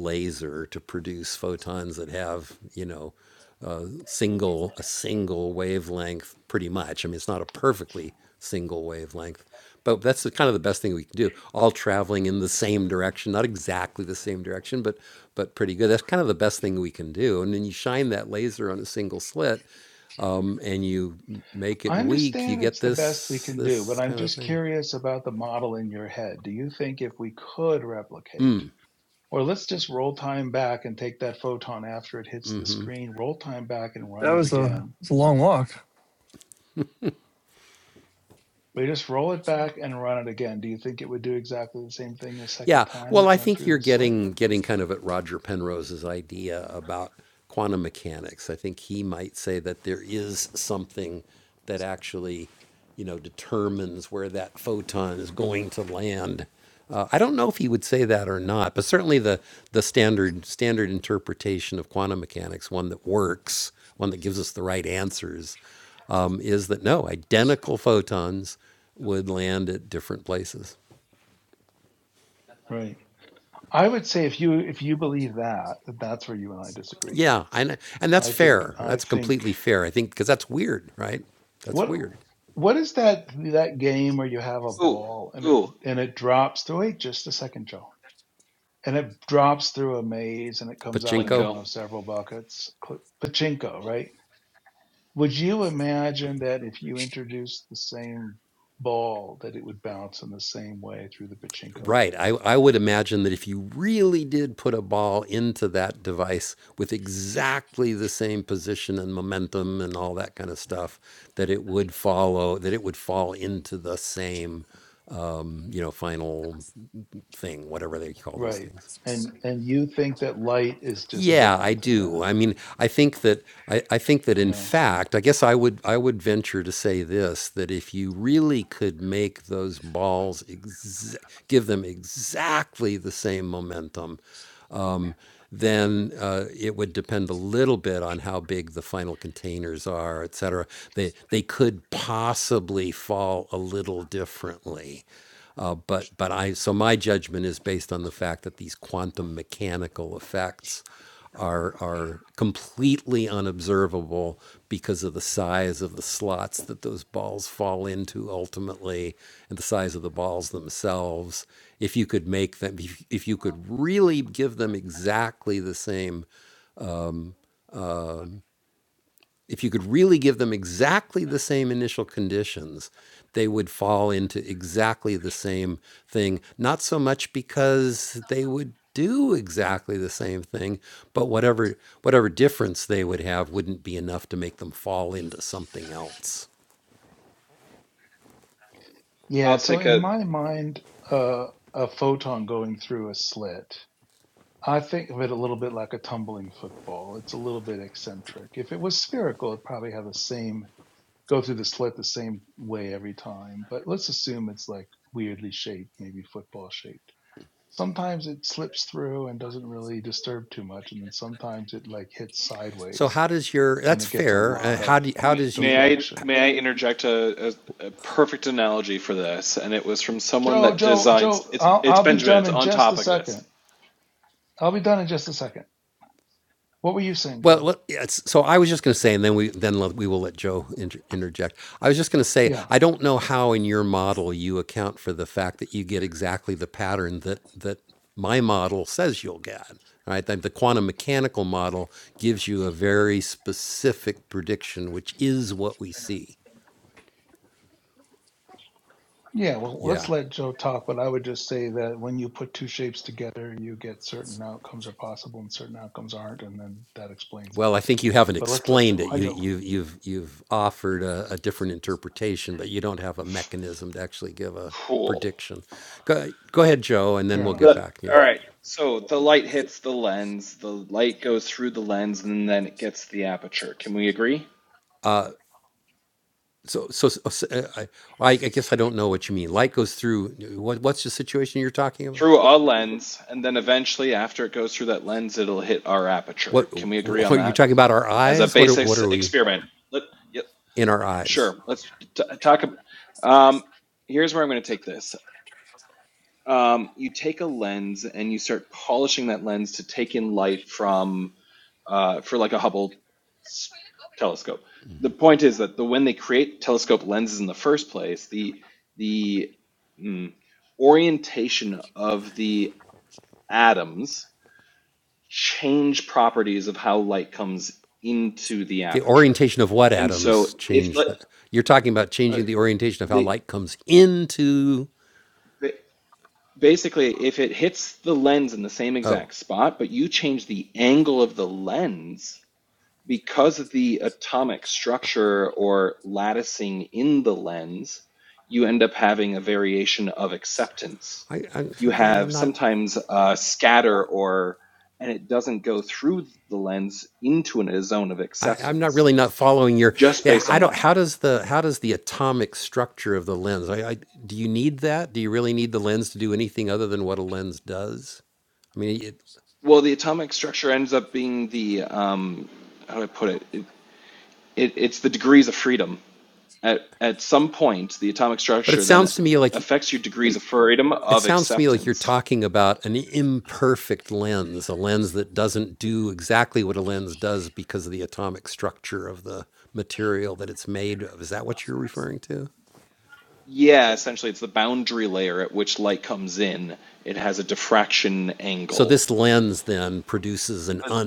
Speaker 5: I understand it's the best we can do, but I'm just curious about the model in your head. Do you think if we could replicate, or let's just roll time back and take that photon after it hits the screen, roll time back and
Speaker 6: That
Speaker 5: run it
Speaker 6: was a,
Speaker 5: again?
Speaker 6: it's a long walk.
Speaker 5: We just roll it back and run it again. Do you think it would do exactly the same thing the second time it went through the slit? Right. I would say if you if you believe that, that that's where you and I disagree. I think I think what what is that that game where you have a
Speaker 4: Ooh,
Speaker 5: ball and it
Speaker 4: ooh,
Speaker 5: and it drops to wait just a second, Joe. and it drops through a maze and it comes out in one
Speaker 4: Plinko.
Speaker 5: of several buckets. Pachinko, right? Would you imagine that if you introduced the same ball that it would bounce in the same way through the pachinko? Right. And and you think that light is just different than that. Yeah. Yeah,
Speaker 4: I'll
Speaker 5: so
Speaker 4: take
Speaker 5: in
Speaker 4: a
Speaker 5: my mind, uh, a photon going through a slit, I think of it a little bit like a tumbling football. It's a little bit eccentric. If it was spherical, it'd probably have the same go through the slit the same way every time, but let's assume it's like weirdly shaped, maybe football shaped. Sometimes it slips through and doesn't really disturb too much, and then sometimes it like hits sideways and it gets a lot of
Speaker 4: may, may I
Speaker 5: deflection.
Speaker 4: may I interject a, a, a perfect analogy for this and it was from someone
Speaker 5: Joe,
Speaker 4: that
Speaker 5: Joe, Joe,
Speaker 4: designs it's
Speaker 5: I'll
Speaker 4: it's
Speaker 5: I'll be
Speaker 4: Benjamin,
Speaker 5: done
Speaker 4: it's
Speaker 5: in
Speaker 4: on
Speaker 5: just a
Speaker 4: topic of this.
Speaker 5: second. I'll be done in just a second. What were you saying, Joe? Yeah. Yeah, well, let's let Joe talk, but I would just say that when you put two shapes together, you get certain outcomes are possible and certain outcomes aren't, and then that explains it. But let's let Joe. Hi, Joe.
Speaker 4: Cool.
Speaker 5: Fair enough.
Speaker 4: The all right. So the light hits the lens, the light goes through the lens, and then it gets the
Speaker 6: I don't
Speaker 4: aperture.
Speaker 6: know.
Speaker 4: Can we agree? Through a lens, and then eventually, after it goes through that lens, it'll hit our aperture. Can we agree on that as a basic s- experiment? Let, yep, sure. Let's
Speaker 6: Yeah,
Speaker 4: t-
Speaker 6: we've
Speaker 4: talk.
Speaker 6: got to
Speaker 4: ab-
Speaker 6: have some
Speaker 4: Um,
Speaker 6: nice time.
Speaker 4: here's where I'm going to
Speaker 6: Don't
Speaker 4: take
Speaker 6: be
Speaker 4: this.
Speaker 6: just on the surface.
Speaker 4: Um, you take a lens and you start polishing that lens to take in light from uh, for like a Hubble telescope. The
Speaker 6: We
Speaker 4: point is
Speaker 6: look
Speaker 4: that
Speaker 6: good.
Speaker 4: the when they create
Speaker 6: Yeah.
Speaker 4: telescope lenses in the first place, the the mm, orientation of the atoms change properties of how light comes into the aperture. And so if the, uh, the ba- basically if it hits the lens in the same exact spot, but you change the angle of the lens, because of the atomic structure or latticing in the lens, you end up having a variation of
Speaker 6: Yes.
Speaker 4: acceptance. You have sometimes a scatter or and it
Speaker 6: I'm
Speaker 4: doesn't go through the lens into an- a zone of acceptance just based on that.
Speaker 6: so sick.
Speaker 4: Well, the atomic
Speaker 6: Raise your
Speaker 4: structure
Speaker 6: hand.
Speaker 4: ends
Speaker 6: I'm
Speaker 4: up being
Speaker 6: so
Speaker 4: the
Speaker 6: demotivated.
Speaker 4: um,
Speaker 6: I'm just
Speaker 4: how do I
Speaker 6: tired.
Speaker 4: put it? It, it? It's the degrees of
Speaker 6: Oh,
Speaker 4: freedom. At at some point, the atomic structure then affects your degrees of freedom of acceptance.
Speaker 6: I'm tired.
Speaker 4: Yeah, essentially, it's the boundary layer at which light comes in. It has a diffraction angle. As-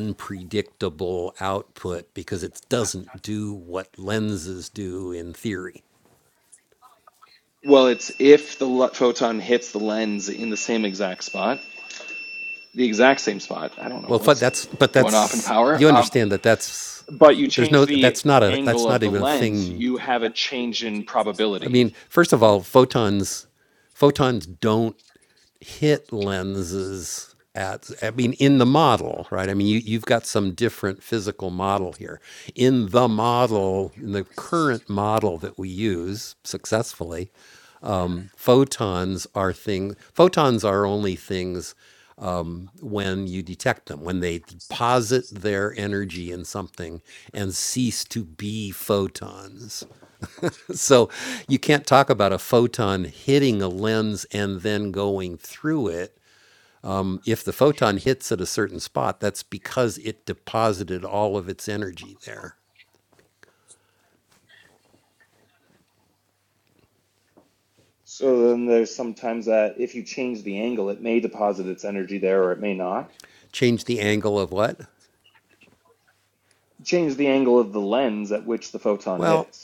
Speaker 4: Well, it's if the l- photon hits the lens in the same exact spot, the exact same spot. I don't know what's going off in power. Um, but you change the angle of the lens, you have a change in probability. So then there's sometimes that if you change the angle, it may deposit its energy there or it may not. Change the angle of the lens at which the photon hits.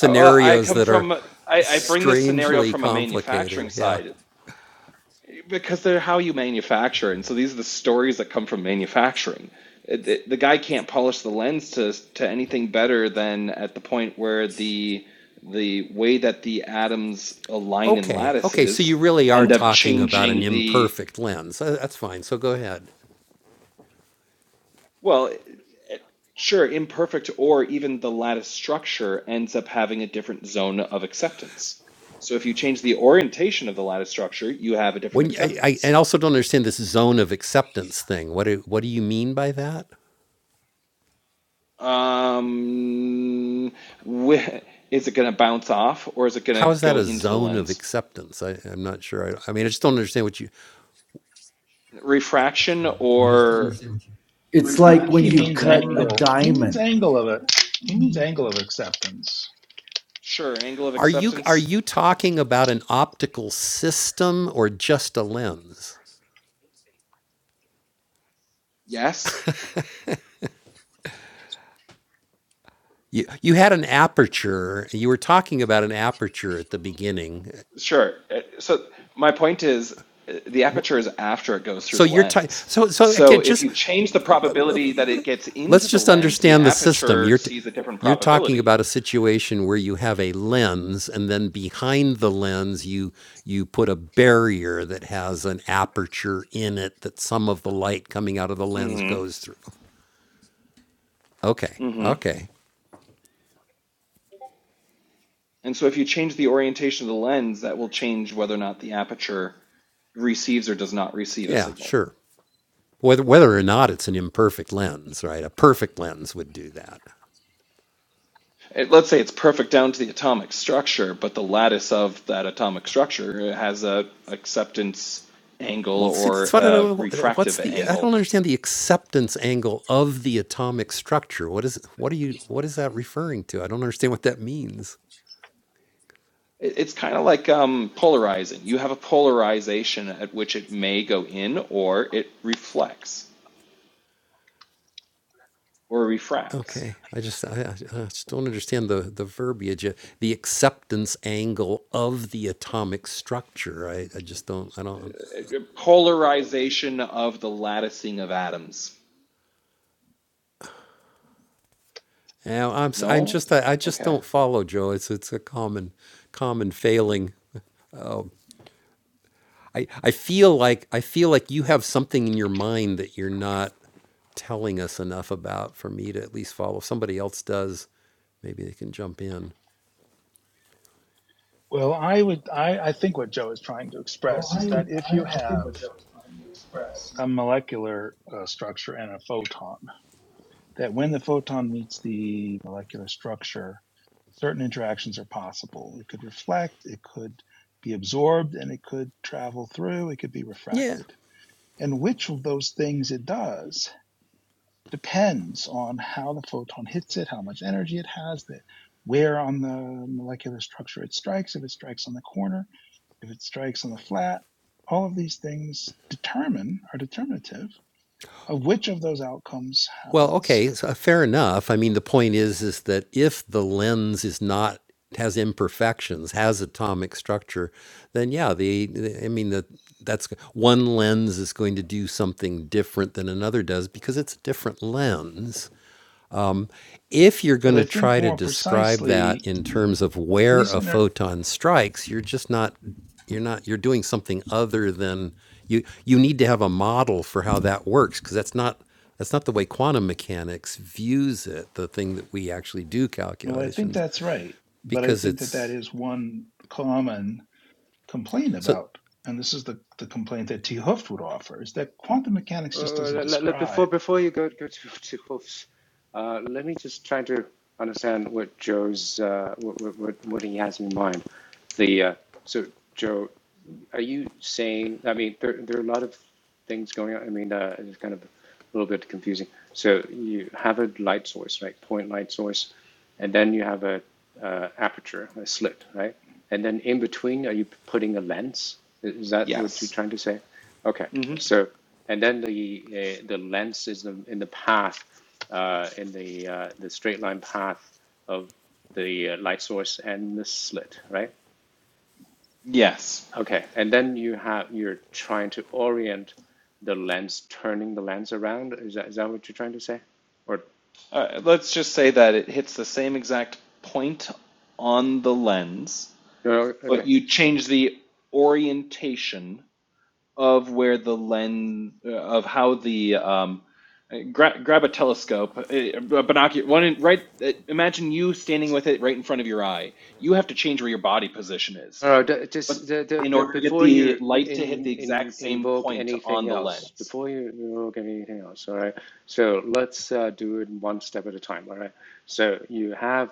Speaker 4: Uh, Well, I come from, I, I bring this scenario from a manufacturing side because they're how you manufacture. And so these are the
Speaker 6: I
Speaker 4: stories that come from
Speaker 6: just
Speaker 4: manufacturing. It- The, the guy can't polish the lens to, to anything better than at the point where the,
Speaker 6: need a lot of
Speaker 4: the
Speaker 6: brilliant
Speaker 4: way that the atoms align in lattices end up changing the Well, sure, imperfect or even the lattice structure ends up having a different zone of acceptance. So if you change the orientation of the lattice structure, you have a different acceptance. Um, wh- is it going to bounce off or is it going to go into the lens? Refraction
Speaker 7: Sure. I mean, I still
Speaker 4: or
Speaker 6: brain.
Speaker 7: understand what you. It's
Speaker 5: I
Speaker 7: like
Speaker 5: think
Speaker 7: when
Speaker 5: he
Speaker 7: you
Speaker 5: means
Speaker 7: Refraction cut a
Speaker 5: angle.
Speaker 7: or a
Speaker 5: He means
Speaker 7: diamond.
Speaker 5: angle of it. He means
Speaker 7: Mm-hmm.
Speaker 5: angle of acceptance.
Speaker 4: sure, angle of acceptance? Yes. Sure. Uh, So my point is uh, the aperture is after it goes through the lens. So if you change the probability that it gets into the lens, the aperture sees a different probability. hmm hmm And so if you change the orientation of the lens, that will change whether or not the aperture receives or does not receive a signal.
Speaker 6: You want to
Speaker 4: It- let's say it's perfect down to the atomic structure, but the lattice of that atomic structure has a acceptance angle or a refractive angle It- It's kind of like um, polarizing. You have a polarization at which
Speaker 6: take it?
Speaker 4: it
Speaker 6: Yeah.
Speaker 4: may go in or it reflects or refracts.
Speaker 6: Take it.
Speaker 4: Uh, Polarization of the latticing of atoms. No? Okay.
Speaker 5: Well, I would. I, I think what Joe is trying to
Speaker 7: So
Speaker 5: express is
Speaker 7: I
Speaker 5: that
Speaker 7: would,
Speaker 5: if you
Speaker 7: I, I think
Speaker 5: have
Speaker 7: what Joe was trying to express
Speaker 5: a molecular uh, structure and a photon, that when the photon meets the molecular structure, certain interactions are possible. It could reflect. It could be absorbed, and it could travel through. It could be refracted. And which of those things it does depends on how the photon hits it, how much energy it has, the, where on the molecular structure it strikes, if it strikes on the corner, if it strikes on the flat. All of these things determine, are determinative of which of those outcomes happens. But I think more precisely, he's in a, well, I think that's right. But I think that that is one common complain about, and this is the, the complaint that T. Hooft would offer, is that quantum mechanics
Speaker 8: Uh,
Speaker 5: just doesn't
Speaker 8: le- le- before
Speaker 5: describe.
Speaker 8: before you go go to <laughs> to Wolves, uh, let me just try to understand what Joe's uh, what, what what he has in mind. The uh, so Joe, are you saying? I mean, there there are a lot of things going on. I mean, uh, it's kind of a little bit confusing. So you have a light source, right? Point light source, and then you have a uh, aperture, a slit, right? And then in between, are you putting a lens? is that what you're
Speaker 4: Yes.
Speaker 8: trying to say? Okay.
Speaker 4: hmm
Speaker 8: So, and then the uh, the lens is the, in the path, uh, in the uh, the straight line path of the uh, light source and the slit, right?
Speaker 4: Yes.
Speaker 8: Okay. And then you have you're trying to orient the lens, turning the lens around. Is that is that what you're trying to say? Or
Speaker 4: Uh, let's just say that it hits the same exact point on the lens,
Speaker 8: no? no,
Speaker 4: but
Speaker 8: Okay.
Speaker 4: you change the orientation of where the lens of how the um, gra- grab a telescope, uh, a binocular one in, right. uh, Imagine you standing with it right in front of your eye. You have to change where your body position is,
Speaker 8: No, no,
Speaker 4: but
Speaker 8: just the, the,
Speaker 4: in
Speaker 8: the,
Speaker 4: order to get
Speaker 8: before
Speaker 4: the
Speaker 8: you
Speaker 4: light to hit
Speaker 8: in,
Speaker 4: the exact
Speaker 8: in
Speaker 4: same
Speaker 8: invoke
Speaker 4: point
Speaker 8: anything
Speaker 4: on the
Speaker 8: else,
Speaker 4: lens.
Speaker 8: before you invoke anything else, all right? So let's uh, do it one step at a time, all right? So you have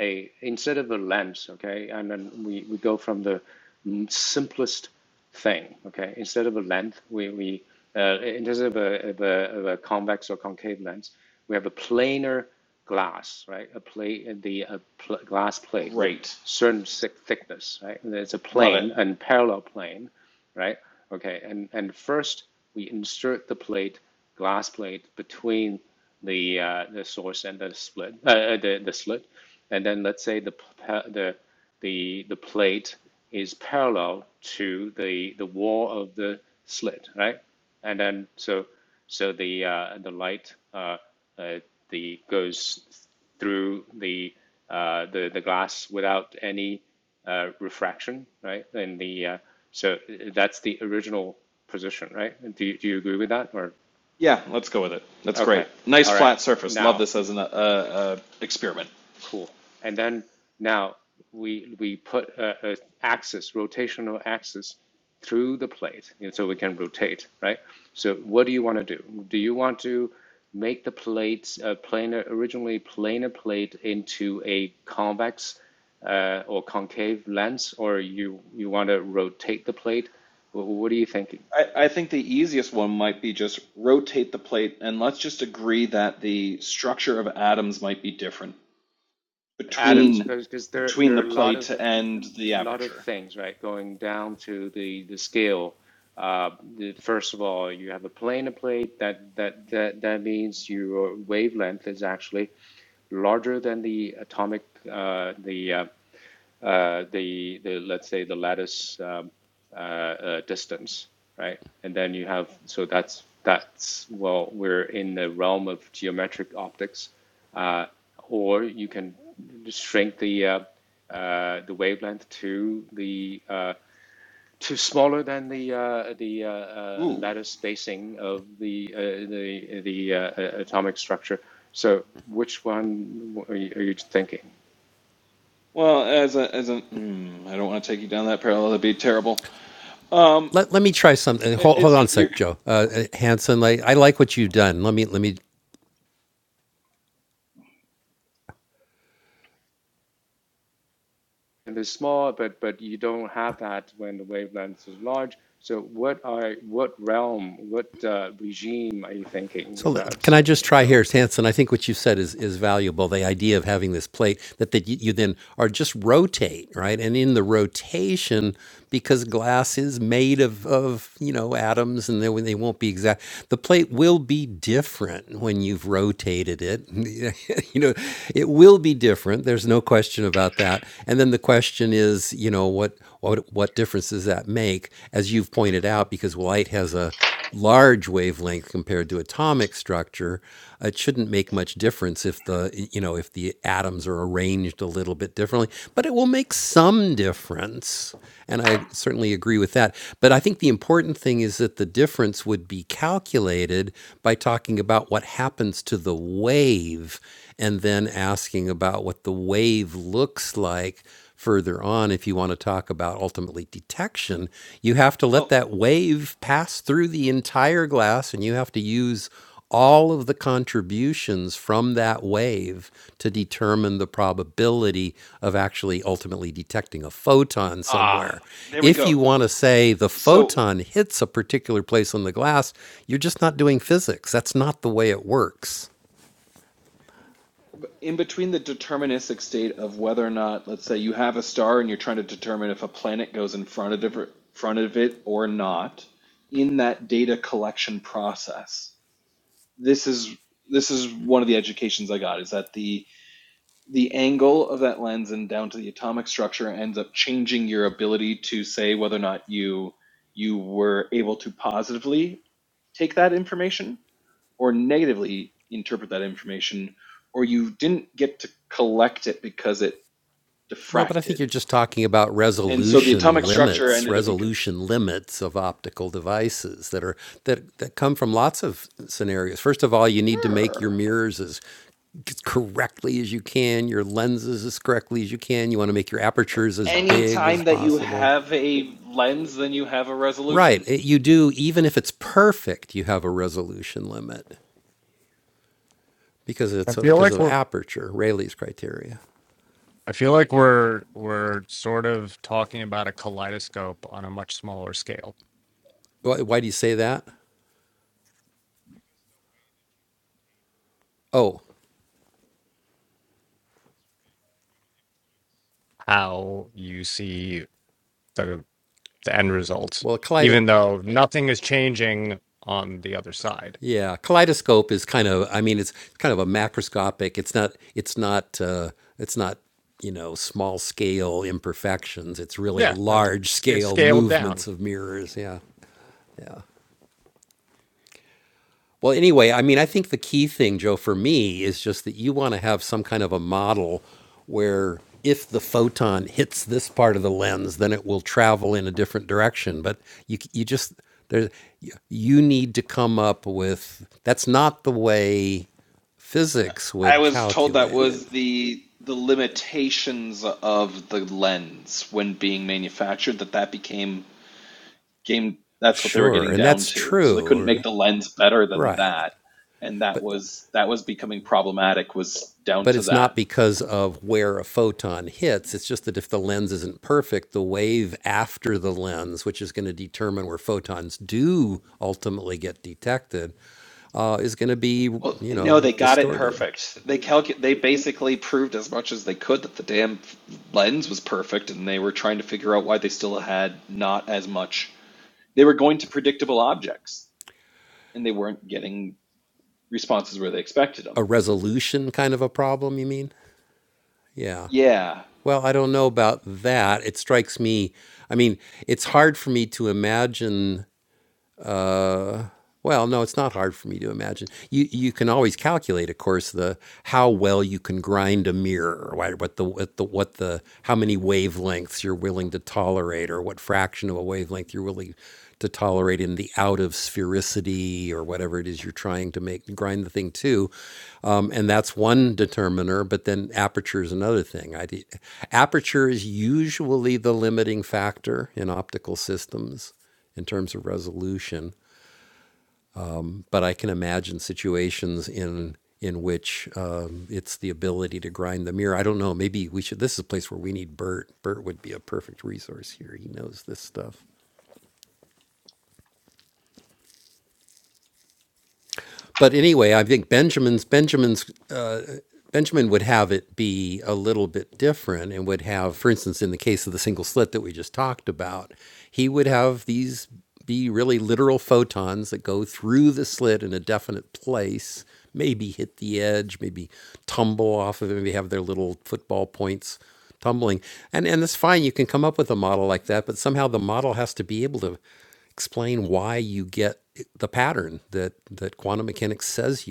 Speaker 8: a, instead of a lens, okay? And then we, we go from the mm, simplest thing. Okay, instead of a length, we we uh, instead of a, of a of a convex or concave lens, we have a planar glass, right? A plate, the a pl- glass plate with
Speaker 4: Great,
Speaker 8: certain thick thickness, right? And It's a
Speaker 4: love it.
Speaker 8: plane, and parallel plane, right? Okay, and, and first we insert the plate, glass plate, between the uh, the source and the split, uh, uh, the the slit, and then let's say the the the the plate is parallel to the the wall of the slit, right? And then so so the uh, the light uh, uh, the goes through the uh, the the glass without any uh, refraction, right? And the uh, so that's the original position, right? Do you, do you agree with that? Or
Speaker 4: Yeah, let's go with it. That's great.
Speaker 8: okay,
Speaker 4: Nice
Speaker 8: all right.
Speaker 4: flat surface. Love
Speaker 8: Now
Speaker 4: this as an uh, uh, experiment.
Speaker 8: Cool. And then now we we put a, a axis, rotational axis, through the plate, and so we can rotate, right? So what do you want to do? Do you want to make the plate a planar, originally planar plate into a convex uh, or concave lens, or you you want to rotate the plate? Wh- What are you thinking?
Speaker 4: I, I think the easiest one might be just rotate the plate and let's just agree that the structure of atoms might be different
Speaker 8: Atoms,
Speaker 4: between
Speaker 8: because there
Speaker 4: between
Speaker 8: there are
Speaker 4: the
Speaker 8: a lot of
Speaker 4: plate and the
Speaker 8: a lot of
Speaker 4: aperture.
Speaker 8: things, right? Going down to the the scale. Uh, the, first of all, you have a planar plate that that that that means your wavelength is actually larger than the atomic uh, the uh, uh, the, the let's say the lattice um, uh, uh, distance, right? And then you have so that's that's well we're in the realm of geometric optics, uh, or you can shrink the uh, uh, the wavelength to the uh, to smaller than the uh, the uh, uh,
Speaker 4: Ooh.
Speaker 8: lattice spacing of the uh, the the uh, uh, atomic structure. So which one are you, are you thinking?
Speaker 4: Well, as a as a mm, I don't want to take you down that parallel. That'd be terrible. Um, it, it's you're
Speaker 8: and they're small, but but you don't have that when the wavelength is large. So what are what realm, what uh, regime are you thinking about, uh, Joe?
Speaker 4: well. Ah, there we go. So in between the deterministic state of whether or not, let's say, you have a star and you're trying to determine if a planet goes in front of it, front of it or not, in that data collection process, this is this is one of the educations I got is that the the angle of that lens and down to the atomic structure ends up changing your ability to say whether or not you you were able to positively take that information or negatively interpret that information, or you didn't get to collect it because it diffracted. And so the atomic structure ended up becoming. Sure. So anytime that you have a lens, then you have a resolution.
Speaker 9: I feel like we're I feel like we're we're sort of talking about a kaleidoscope on a much smaller scale. How you see the the end results, even though nothing is changing on the other side. Yeah, uh, sc- scaled down.
Speaker 4: I was told that was the the limitations of the lens when being manufactured that that became game that's what they were getting down to so they couldn't make the lens better than that and that was that was becoming problematic was down to that Well, no, they got it perfect. They calcu- they basically proved as much as they could that the damn lens was perfect, and they were trying to figure out why they still had not as much. They were going to predictable objects, and they weren't getting responses where they expected them. Yeah,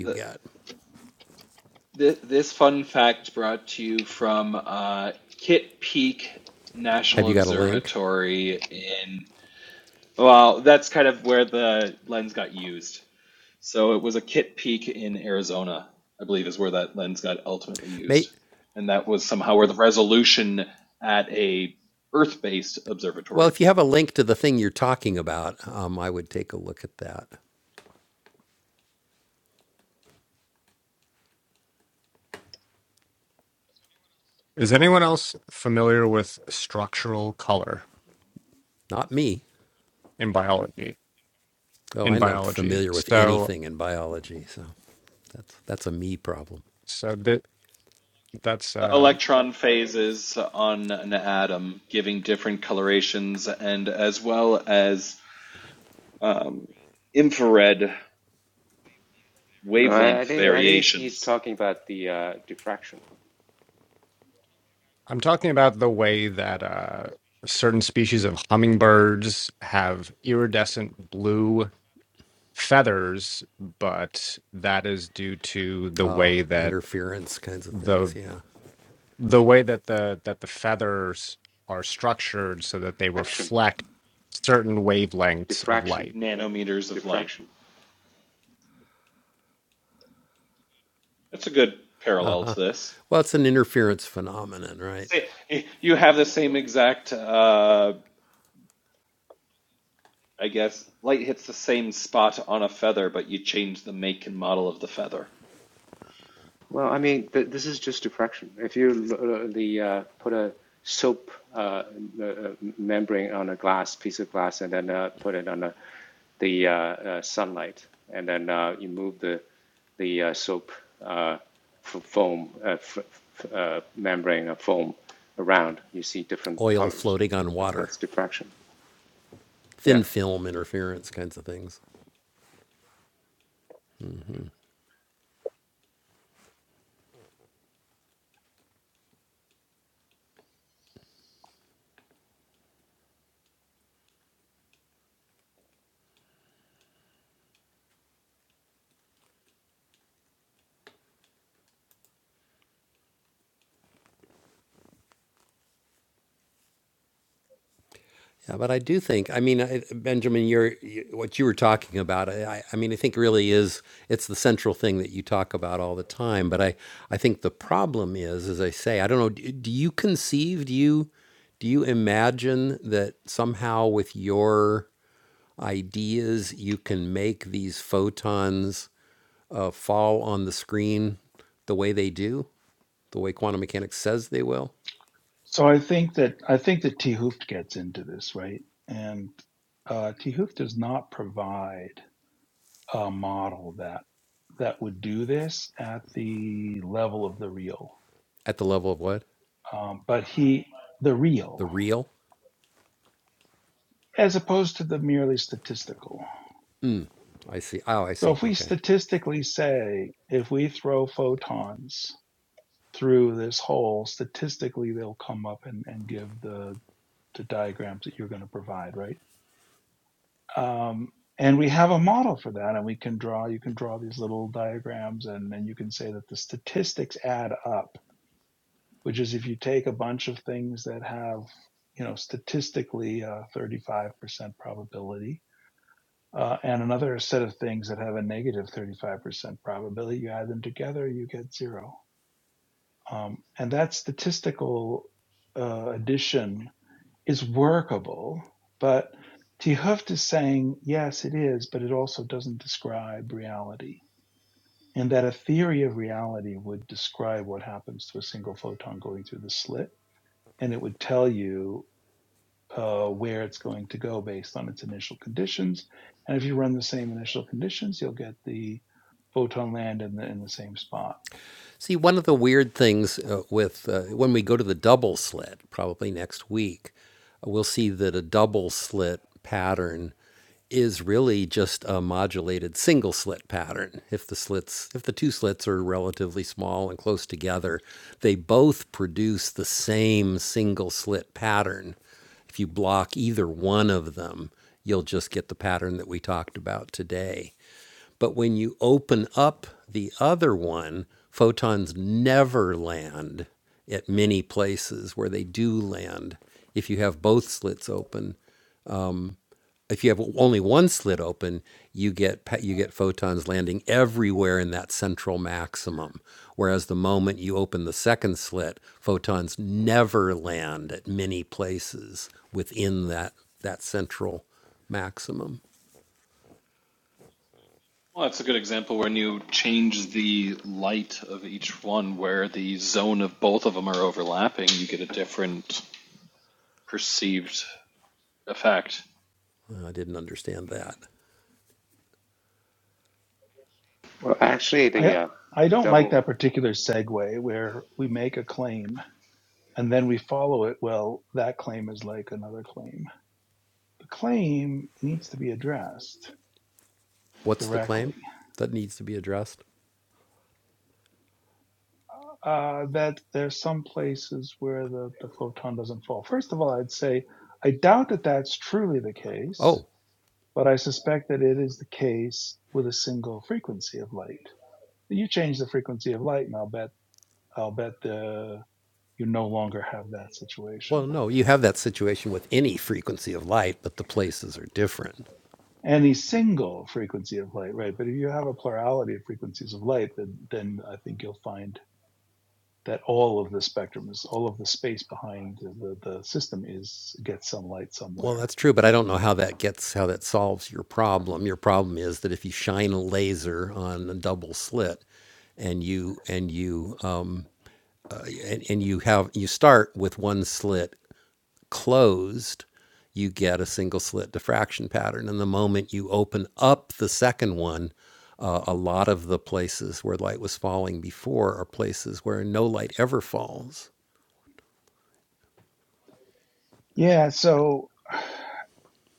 Speaker 4: th- This, this fun fact brought to you from uh, Kit Peak National Observatory in, well, that's kind of where the lens got used. So it was a Kit Peak in Arizona, I believe, is where that lens got ultimately used. And that was somehow where the resolution at a Earth-based observatory.
Speaker 9: Is anyone else familiar with structural color in biology? In biology, so so that that's uh
Speaker 4: Electron phases on an atom giving different colorations and as well as um, infrared
Speaker 8: No, I,
Speaker 4: wavelength
Speaker 8: I think I think he's
Speaker 4: variations,
Speaker 8: talking about the uh, diffraction,
Speaker 9: I'm talking about the way that uh, certain species of hummingbirds have iridescent blue feathers, but that is due to the way that the the way that the that the feathers are structured so that they
Speaker 8: diffraction,
Speaker 9: reflect certain wavelengths of
Speaker 8: diffraction.
Speaker 9: light.
Speaker 8: Okay,
Speaker 4: nanometers of light.
Speaker 8: diffraction.
Speaker 4: That's a good parallel to this. you have the same exact, uh, I guess, light hits the same spot on a feather, but you change the make and model of the feather.
Speaker 8: Well, I mean, th this is just diffraction. If you l- uh, the uh, put a soap uh, uh, membrane on a glass piece of glass and then uh, put it on a, the uh, uh, sunlight, and then uh, you move the the uh, soap uh, foam uh, f- f- uh, membrane or foam around, you see different colors. But that's diffraction. Yeah.
Speaker 5: So I think that I think that T. Hooft gets into this, right? And uh, T. Hooft does not provide a model that that would do this at the level of the real, um, but he the real as opposed to the merely statistical. So if we statistically say if we throw photons through this whole statistically they'll come up and, and give the the diagrams that you're going to provide right um, and we have a model for that and we can draw you can draw these little diagrams and then you can say that the statistics add up which is if you take a bunch of things that have you know statistically a 35% probability uh, and another set of things that have a 35% probability you add them together you get zero Um, and that statistical uh, addition is workable, but Tehuft is saying, yes, it is, but it also doesn't describe reality. And that a theory of reality would describe what happens to a single photon going through the slit, and it would tell you uh, where it's going to go based on its initial conditions. And if you run the same initial conditions, you'll get the photon land in the in the same spot.
Speaker 4: Well, that's a good example when you change the light of each one, where the zone of both of them are overlapping, you get a different perceived effect.
Speaker 8: Well, actually, the
Speaker 5: I
Speaker 8: uh,
Speaker 5: I don't like
Speaker 8: double
Speaker 5: that particular segue where we make a claim and then we follow it. Well, that claim is like another claim. The claim needs to be addressed directly. uh, that there's some places where the, the photon doesn't fall. First of all, I'd say I doubt that that's truly the case, but I suspect that it is the case with a single frequency of light. You change the frequency of light, and I'll bet I'll bet the you no longer have that situation. Any single frequency of light, right? But if you have a plurality of frequencies of light, then then I think you'll find that all of the spectrum is all of the space behind the, the system is gets some light somewhere Yeah, so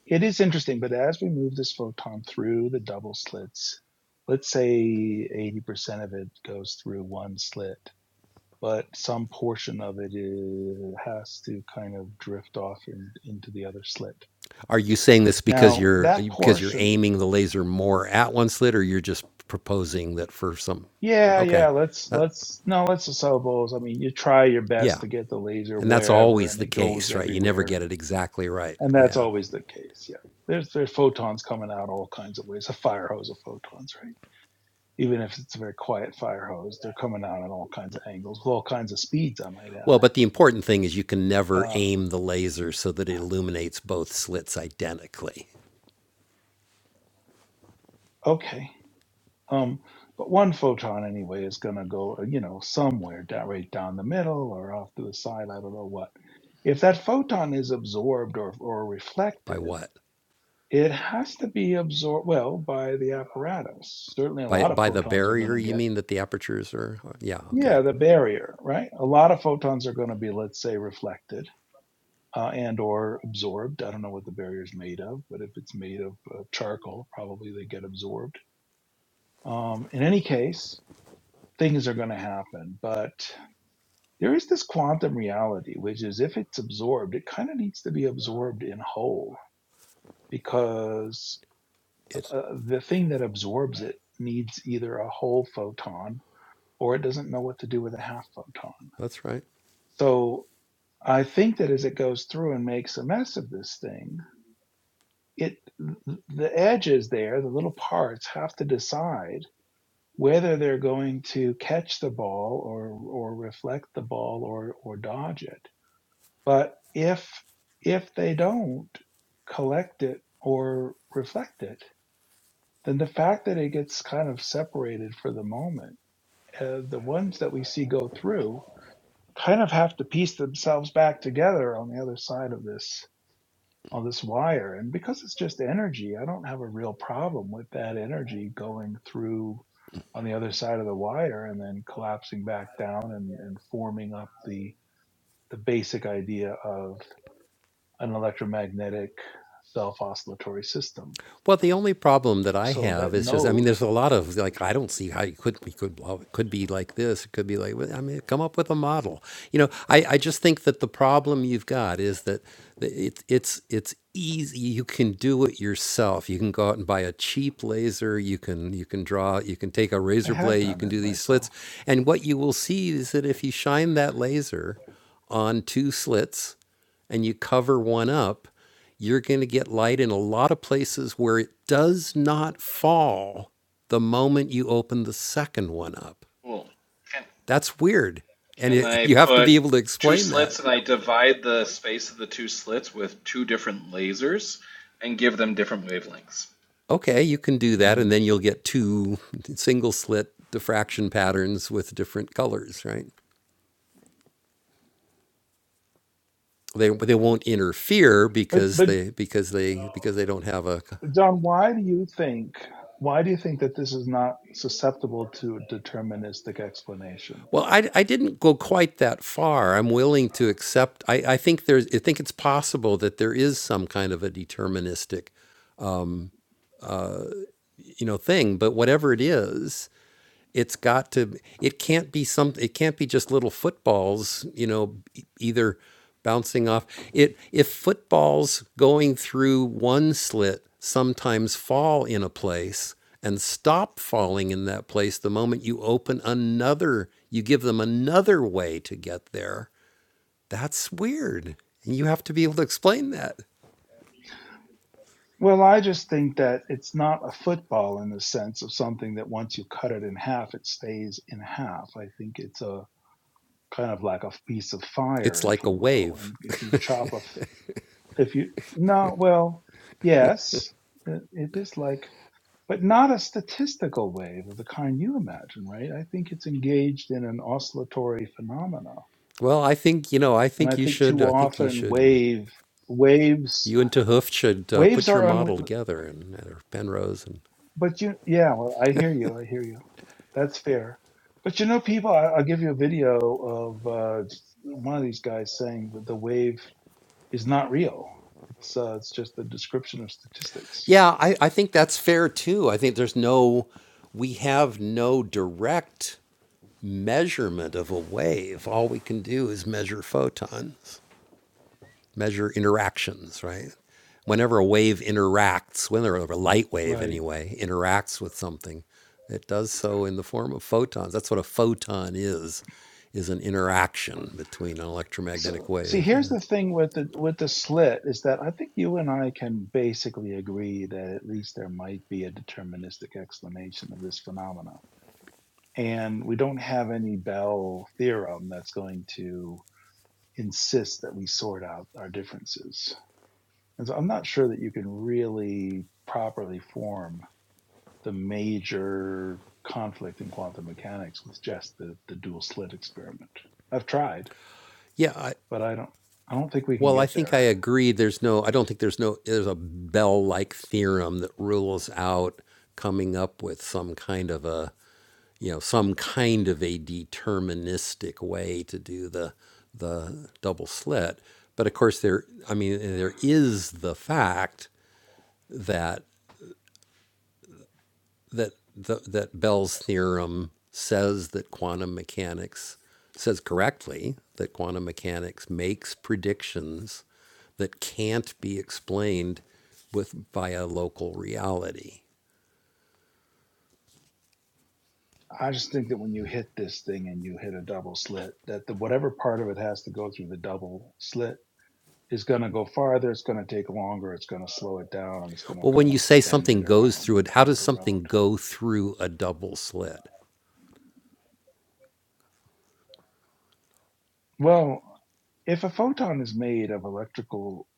Speaker 5: it is interesting, but as we move this photon through the double slits, let's say 80% of it goes through one slit, but some portion of it is, has to kind of drift off in, into the other slit. Now, that portion, yeah, yeah, let's, let's, no, let's assemble. I mean, you try your best to get the laser wherever and it goes everywhere and that's always the case. Yeah, there's there's photons coming out all kinds of ways. A fire hose of photons, right? Even if it's a very quiet fire hose, they're coming out at all kinds of angles with all kinds of speeds. I might add. Uh, okay, um, but one photon anyway is going to go, uh, you know, somewhere down right down the middle or off to the side. I don't know what. If that photon is absorbed or, or reflected, it has to be absorbed well by the apparatus. Certainly, a lot of photons are going to get Yeah, the barrier, right? A lot of photons are going to be, let's say, reflected uh, and or absorbed. I don't know what the barrier is made of, but if it's made of uh, charcoal, probably they get absorbed. Um, in any case, things are going to happen. But there is this quantum reality, which is if it's absorbed, it kind of needs to be absorbed in whole because uh, the thing that absorbs it needs either a whole photon or it doesn't know what to do with a half photon. So I think that as it goes through and makes a mess of this thing, it the edges there, the little parts have to decide whether they're going to catch the ball or or reflect the ball or or dodge it. But if if they don't collect it or reflect it, then the fact that it gets kind of separated for the moment, uh, the ones that we see go through kind of have to piece themselves back together on the other side of this on this wire. And because it's just energy, I don't have a real problem with that energy going through on the other side of the wire and then collapsing back down and, and forming up the the basic idea of an electromagnetic self oscillatory system. So that node, I have done it myself.
Speaker 4: Cool. Can, can I put two slits and I divide the space of the two slits with two different lasers and give them different wavelengths?
Speaker 5: Mm. But but John, why do you think why do you think that this is not susceptible to a deterministic explanation? Well, I just think that it's not a football in the sense of something that once you cut it in half, it stays in half. I think it's a kind of like a piece of fire, if you will. And if you chop a If you no, well, yes, it, it is like, but not a statistical wave of the kind you imagine, right? I think it's engaged in an oscillatory phenomena, and I think too often wave waves waves are unre But you, yeah, well, I hear you, I hear you. That's fair. But you know, people, I, I'll give you a video of uh, one of these guys saying that the wave is not real. It's uh, it's just a description of statistics. Right. So see, here's the thing with the with the slit is that I think you and I can basically agree that at least there might be a deterministic explanation of this phenomena. And we don't have any Bell theorem that's going to insist that we sort out our differences. And so I'm not sure that you can really properly form the major conflict in quantum mechanics with just the, the dual slit experiment. I've tried, but I don't I don't think we can get there. I just think that when you hit this thing and you hit a double slit, that the whatever part of it has to go through the double slit is going to go farther. It's going to take longer. It's going to slow it down, and it's going to kind of bend it around and pull it around. Well, if a photon is made of electrical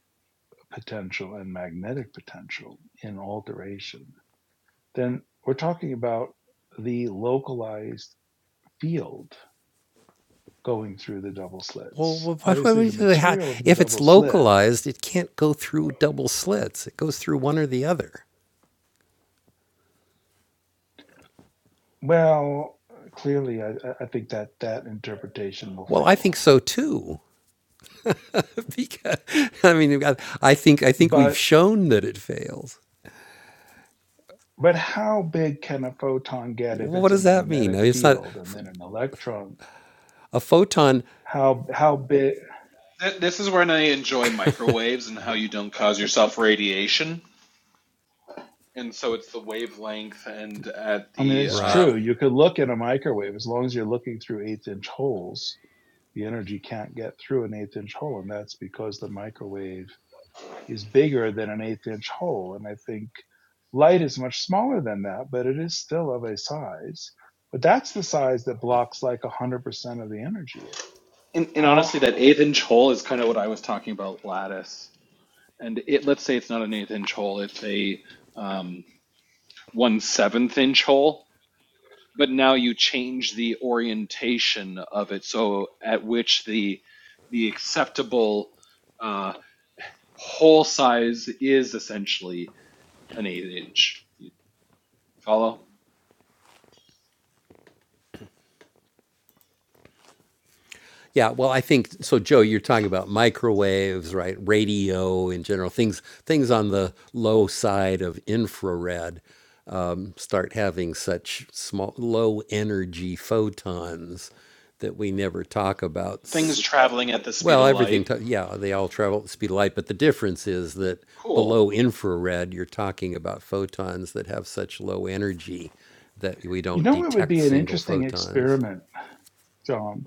Speaker 5: potential and magnetic potential in alteration, then we're talking about the localized field going through the double slits. Obviously, the material of the double slit Well, clearly, I, I think that that interpretation will fail. But but how big can a photon get if it's a magnetic field and then an electron? How how big?
Speaker 4: This is when I enjoy microwaves and how you don't cause yourself radiation. And so it's the wavelength and at
Speaker 5: I mean,
Speaker 4: the.
Speaker 5: it's
Speaker 4: Uh,
Speaker 5: true. You could look in a microwave as long as you're looking through eighth inch holes. The energy can't get through an eighth inch hole, and that's because the microwave is bigger than an eighth inch hole. And I think light is much smaller than that, but it is still of a size. But that's the size that blocks like 100% of the energy.
Speaker 4: and, and
Speaker 5: How,
Speaker 4: honestly, that
Speaker 5: high?
Speaker 4: eighth inch hole is kind of what I was talking about lattice. And it let's say it's not an eighth inch hole, it's a um, one seventh inch hole but now you change the orientation of it so at which the the acceptable uh, hole size is essentially an eight inch follow things traveling at the speed of light cool
Speaker 5: you know, what would be an interesting experiment, John,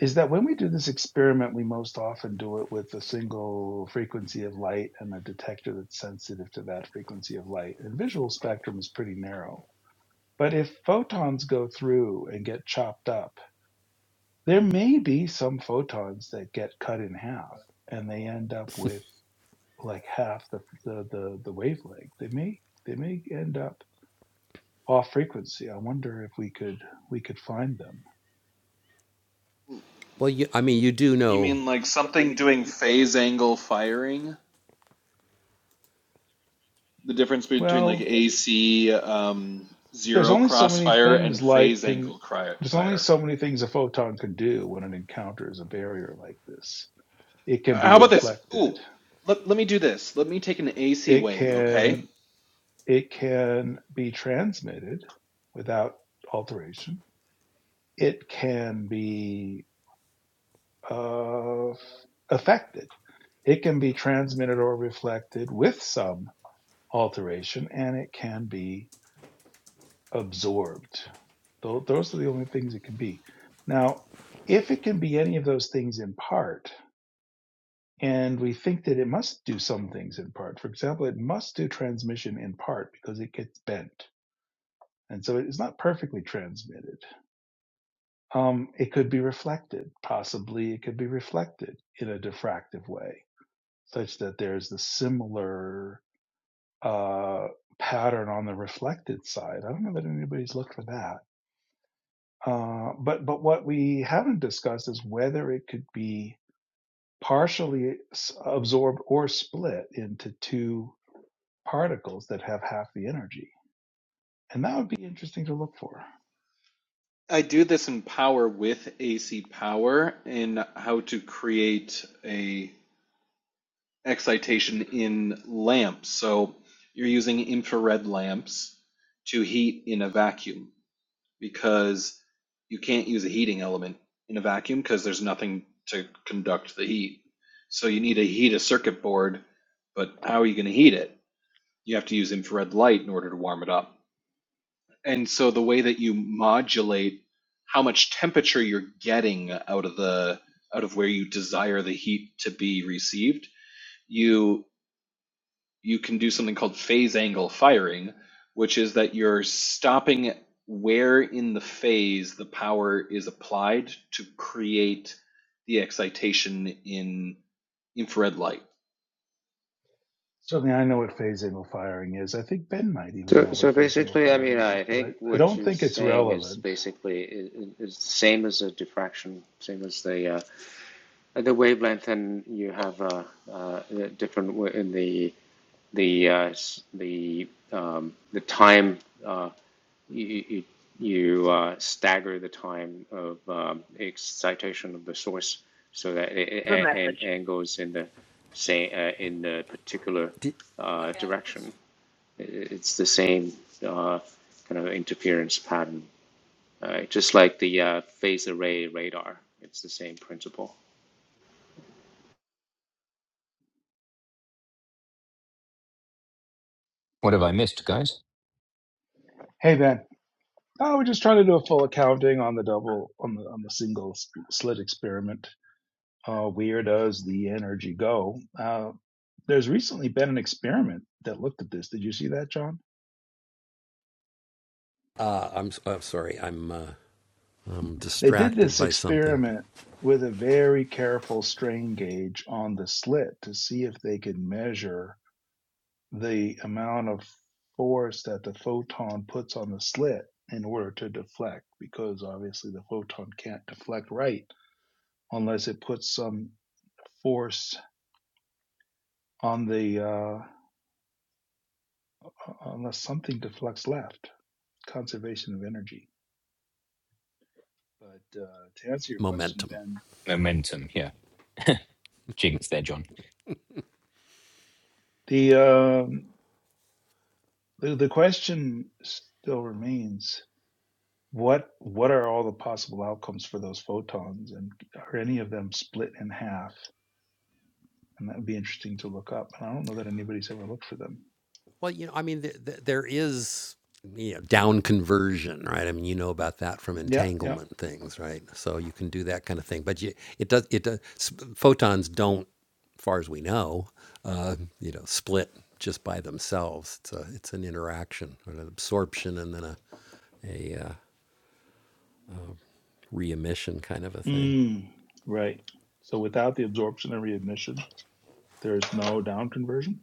Speaker 5: is that when we do this experiment, we most often do it with a single frequency of light and a detector that's sensitive to that frequency of light. And visual spectrum is pretty narrow. But if photons go through and get chopped up, There may be some photons that get cut in half and they end up with like half the the the, the wavelength. They may they may end up off frequency. I wonder if we could we could find them.
Speaker 4: you mean like something doing phase angle firing the difference between like
Speaker 5: Well,
Speaker 4: ac um,
Speaker 5: there's
Speaker 4: zero
Speaker 5: only so many
Speaker 4: crossfire and
Speaker 5: things light
Speaker 4: phase
Speaker 5: can
Speaker 4: angle
Speaker 5: there's only
Speaker 4: fire
Speaker 5: so many things a photon can do when it encounters a barrier like this. It can be
Speaker 4: how about this
Speaker 5: reflected.
Speaker 4: ooh let, let me do this let me take an ac
Speaker 5: It
Speaker 4: wave okay
Speaker 5: can it can be transmitted without alteration. It can be uh, affected. It can be transmitted or reflected with some alteration, and it can be absorbed. Those are the only things it can be. Now, if it can be any of those things in part, and we think that it must do some things in part, for example, it must do transmission in part because it gets bent. And so it's not perfectly transmitted. Um, it could be reflected. Possibly it could be reflected in a diffractive way such that there's the similar uh, pattern on the reflected side. I don't know that anybody's looked for that. Uh, but but what we haven't discussed is whether it could be partially s- absorbed or split into two particles that have half the energy, and that would be interesting to look for.
Speaker 4: I do this in Power with AC Power in how to create a excitation in lamps. So you're using infrared lamps to heat in a vacuum because you can't use a heating element in a vacuum because there's nothing to conduct the heat. So you need to heat a circuit board, but how are you going to heat it? You have to use infrared light in order to warm it up and so the way that you modulate how much temperature you're getting out of the out of where you desire the heat to be received you you can do something called phase angle firing which is that you're stopping where in the phase the power is applied to create the excitation in infrared light
Speaker 5: Certainly, I know what phase angle firing is. I think Ben might even
Speaker 8: So,
Speaker 5: know
Speaker 8: so
Speaker 5: what phase angle
Speaker 8: basically, I
Speaker 5: firing
Speaker 8: mean,
Speaker 5: is,
Speaker 8: I
Speaker 5: but I,
Speaker 8: think
Speaker 5: I
Speaker 8: what
Speaker 5: don't
Speaker 8: you're
Speaker 5: think it's
Speaker 8: saying is
Speaker 5: relevant.
Speaker 8: basically is, is the same as a diffraction, same as the uh, the wavelength, and you have uh, uh, a different w- in the the uh, s- the um, the time. Uh, you you, you uh, stagger the time of um, excitation of the source so that it, it, and and goes in the same uh, in the particular uh, direction. It's the same uh, kind of interference pattern, uh, just like the uh, phase array radar. It's the same principle.
Speaker 2: What have I missed, guys?
Speaker 5: Hey Ben, oh, we're just trying to do a full accounting on the double on the on the single s- slit experiment. uh, where does the energy go? Uh, there's recently been an experiment that looked at this. Did you see that, John? They did this experiment with a very careful strain gauge on the slit to see if they could measure the amount of force that the photon puts on the slit in order to deflect, because obviously the photon can't deflect right unless it puts some force on the, uh, unless something deflects left. conservation of energy. But uh, to answer your question, Ben,
Speaker 2: Momentum. Yeah. Jinx there, John.
Speaker 5: the, um, the the question still remains: what what are all the possible outcomes for those photons, and are any of them split in half? And that would be interesting to look up. And I don't know that anybody's ever looked for them. Yeah, yeah. Mm, right. So without the absorption and readmission, there is no down conversion.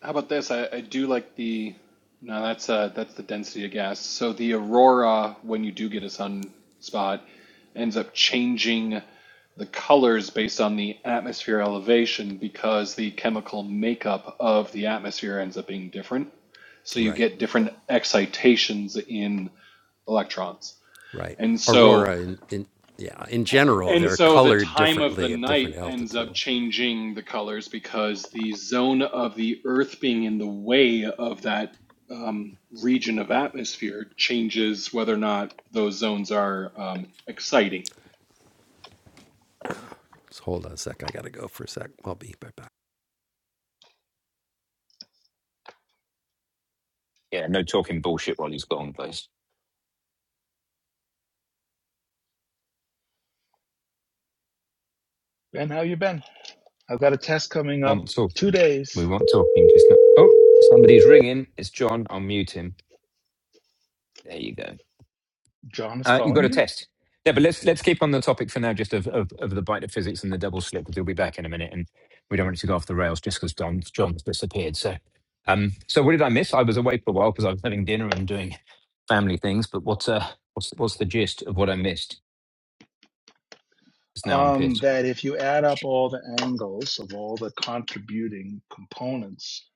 Speaker 4: How about this? I, I do like the no, that's uh that's the density of gas. So the aurora, when you do get a sun spot, ends up changing the colors based on the atmosphere elevation because the chemical makeup of the atmosphere ends up being different. So you get different excitations in electrons. And so and so the time of the night ends up changing the colors because the zone of the Earth being in the way of that um, region of atmosphere changes whether or not those zones are um, exciting.
Speaker 2: Yeah, no talking bullshit while he's gone, please.
Speaker 5: Ben, how you been? I've got a test coming
Speaker 2: We
Speaker 5: up
Speaker 2: want
Speaker 5: two
Speaker 2: talking. We
Speaker 5: days.
Speaker 2: want talking, just not. Oh, somebody's ringing. It's John. I'll mute him. There you go.
Speaker 5: John is
Speaker 2: Uh, you've got
Speaker 5: calling
Speaker 2: a
Speaker 5: you.
Speaker 2: test. Yeah, but let's let's keep on the topic for now, just of, of, of the bite of physics and the double slip, because we'll be back in a minute, and we don't want it to go off the rails just because Don John's disappeared. So, um, so what did I miss? I was away for a while because I was having dinner and doing family things. But what's uh, what's what's the gist of what I missed? Because now I'm
Speaker 5: um,
Speaker 2: pissed.
Speaker 5: that if you add up all the angles of all the contributing components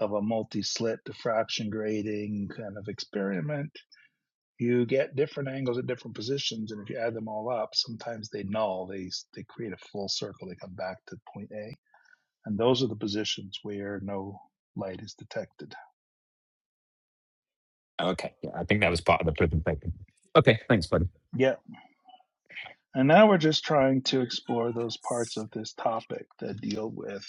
Speaker 5: of a multi-slit diffraction grating kind of experiment, you get different angles at different positions, and if you add them all up, sometimes they null. They they create a full circle. They come back to point A, and those are the positions where no light is detected.
Speaker 2: Oh, okay, yeah, I think that was part of the presentation. Okay, thanks, buddy.
Speaker 5: Yeah, and now we're just trying to explore those parts of this topic that deal with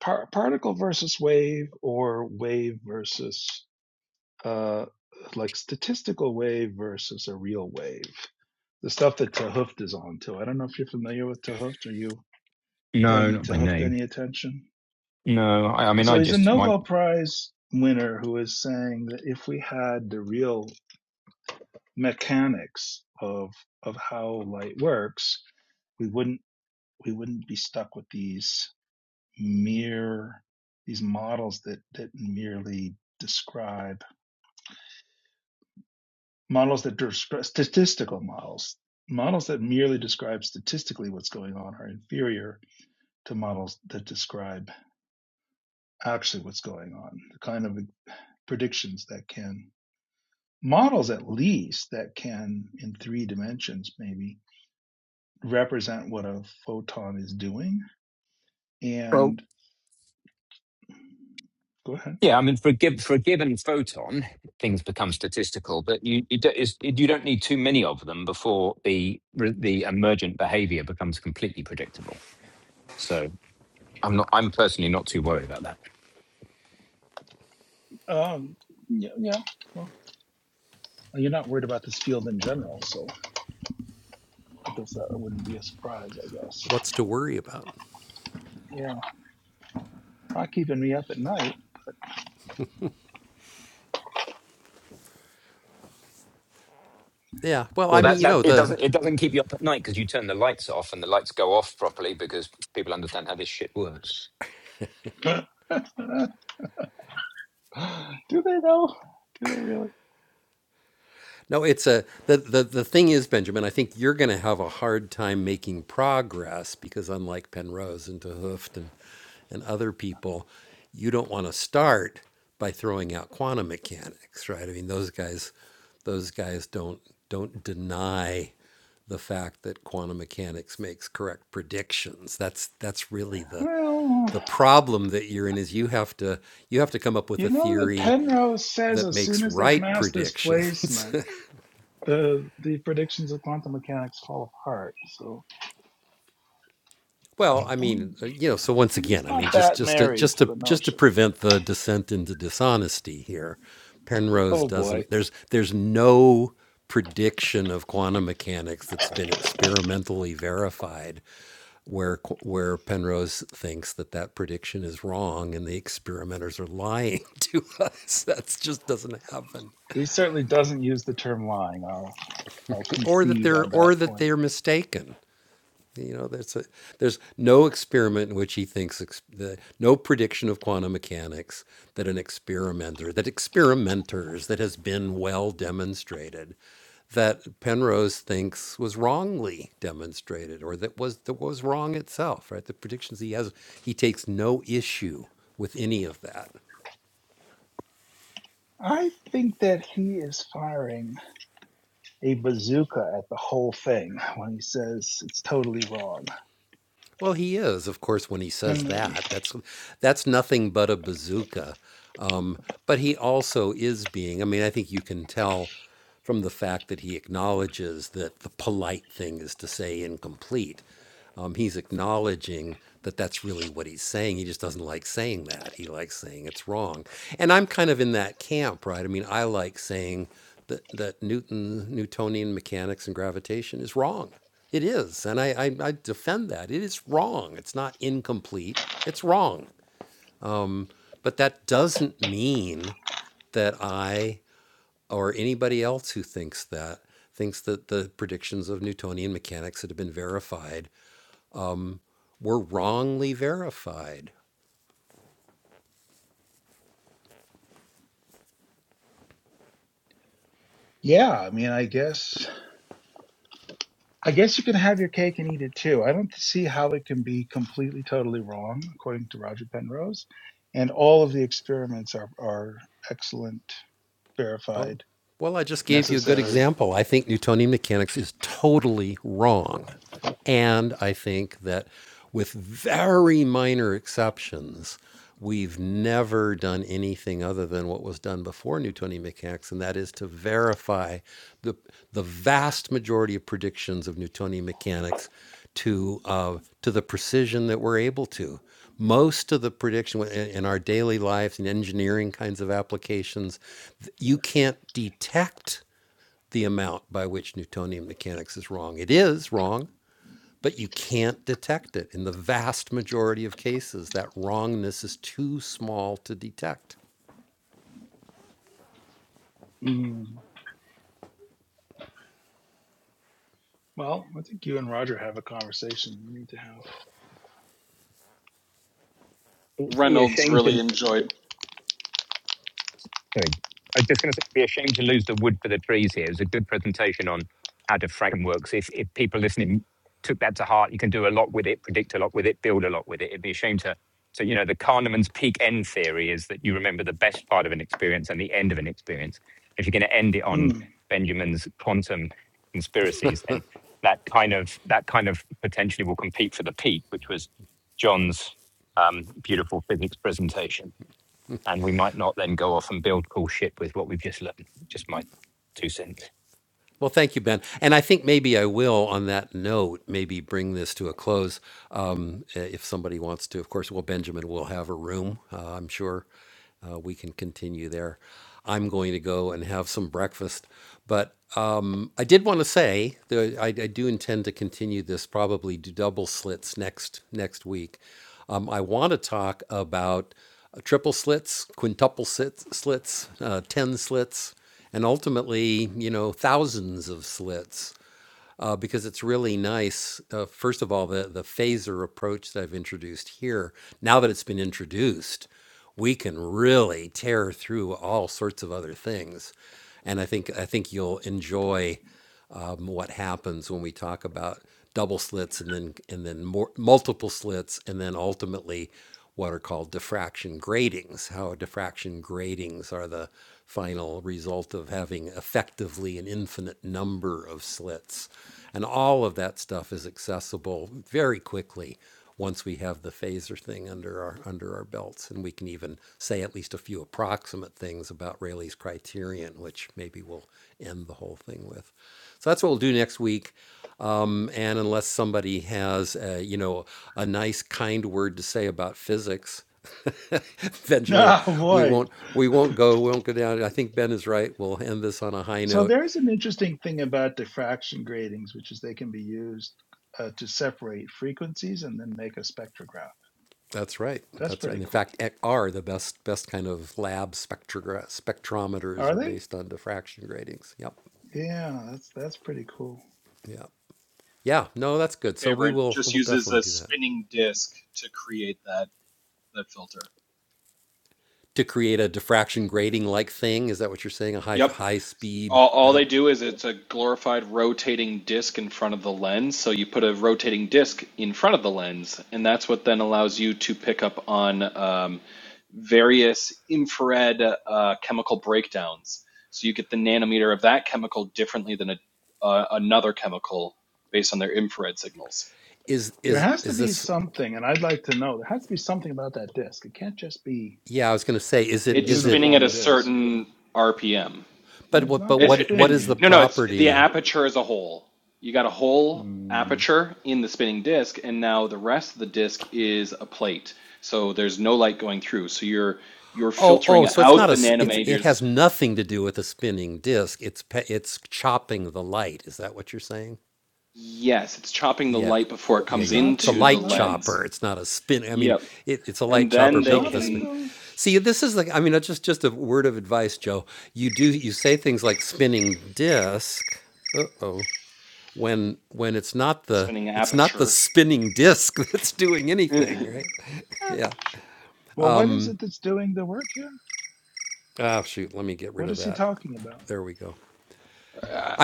Speaker 5: Par- particle versus wave or wave versus uh like statistical wave versus a real wave the stuff that Tehuft is on to i don't know if you're familiar with Tehuft. are you
Speaker 2: No,
Speaker 5: paying
Speaker 2: not by
Speaker 5: Tehuft
Speaker 2: name.
Speaker 5: any attention
Speaker 2: No, I, I mean I
Speaker 5: so he's a
Speaker 2: just my.
Speaker 5: nobel prize winner who is saying that if we had the real mechanics of of how light works we wouldn't we wouldn't be stuck with these mere these models that that merely describe models that describe statistical models models that merely describe statistically what's going on are inferior to models that describe actually what's going on the kind of predictions that can models at least that can in three dimensions maybe represent what a photon is doing
Speaker 2: well.
Speaker 5: and go ahead
Speaker 2: Yeah, I mean, for a, giv for a given photon, things become statistical, but you you, do, it's, you don't need too many of them before the re- the emergent behavior becomes completely predictable. So I'm not I'm personally not too worried about that.
Speaker 5: um yeah, yeah well you're not worried about this field in general so I guess that wouldn't be a surprise, I guess. Yeah. Not keeping me up at night
Speaker 2: Well, that
Speaker 5: gets.
Speaker 2: that it doesn't it doesn't keep you up at night because you turn the lights off and the lights go off properly because people understand how this shit works.
Speaker 5: <laughs> Do they though? Do they really? Well, you know that Penrose says as soon as there's mass displacement, the the predictions of quantum mechanics fall apart. So mm, he's not that married to the notion. Oh boy, he certainly doesn't use the term lying. I'll I'll concede on that point. I think that he is firing. a bazooka at the whole thing when he says it's totally wrong. And uh, yeah, I mean, I guess I guess you can have your cake and eat it too. I don't see how it can be completely totally wrong, according to Roger Penrose. And all of the experiments are are excellent, verified, necessary. Mm. Well, I think you and Roger have a conversation you need to have.
Speaker 2: It'd be a
Speaker 4: Reynolds
Speaker 2: shame
Speaker 4: really
Speaker 2: to.
Speaker 4: enjoyed
Speaker 2: Sorry. I'm just going to say, it'd be a shame to lose the wood for the trees here. It was a good presentation on how Diffraction works. If, if people listening took that to heart, you can do a lot with it, predict a lot with it, build a lot with it. It'd be a shame to. So, you know, the Kahneman's peak end theory is that you remember the best part of an experience and the end of an experience. If you're going to end it on
Speaker 5: Mm. <laughs>
Speaker 2: Benjamin's quantum conspiracies, then that kind of that kind of potentially will compete for the peak, which was John's um, beautiful physics presentation and we might not then go off and build cool shit with what we've just learned. Just my two cents.
Speaker 5: Oh boy. So there is an interesting thing about diffraction gratings, which is they can be used uh, to separate frequencies and then make a spectrograph. That's pretty cool. Are they? Yeah, that's that's pretty cool.
Speaker 4: and favorite just uses a spinning disk to create that that filter. Yep. All, all they do is it's a glorified rotating disk in front of the lens. So you put a rotating disk in front of the lens, and that's what then allows you to pick up on um, various infrared uh, chemical breakdowns. So you get the nanometer of that chemical differently than a, uh, another chemical based on their infrared signals.
Speaker 5: There has to be something, and I'd like to know. There has to be something about that disk. It can't just be a
Speaker 4: It's spinning at a
Speaker 5: uniform disk.
Speaker 4: certain RPM.
Speaker 5: It's not the
Speaker 4: It, it, it,
Speaker 5: spinning.
Speaker 4: no, no, it's the aperture as a whole. You got a whole
Speaker 5: Hmm.
Speaker 4: aperture in the spinning disk, and now the rest of the disk is a plate. So there's no light going through. So you're you're filtering out the nanometers. Yes, it's chopping the light before it comes
Speaker 5: Chopping
Speaker 4: into
Speaker 5: the
Speaker 4: the
Speaker 5: light?
Speaker 4: lens. Yep. And
Speaker 5: The
Speaker 4: then they
Speaker 5: chopping
Speaker 4: can
Speaker 5: the.
Speaker 4: spinning aperture. <laughs> sure.
Speaker 5: Well, what is it that's doing the work here? What is he talking about?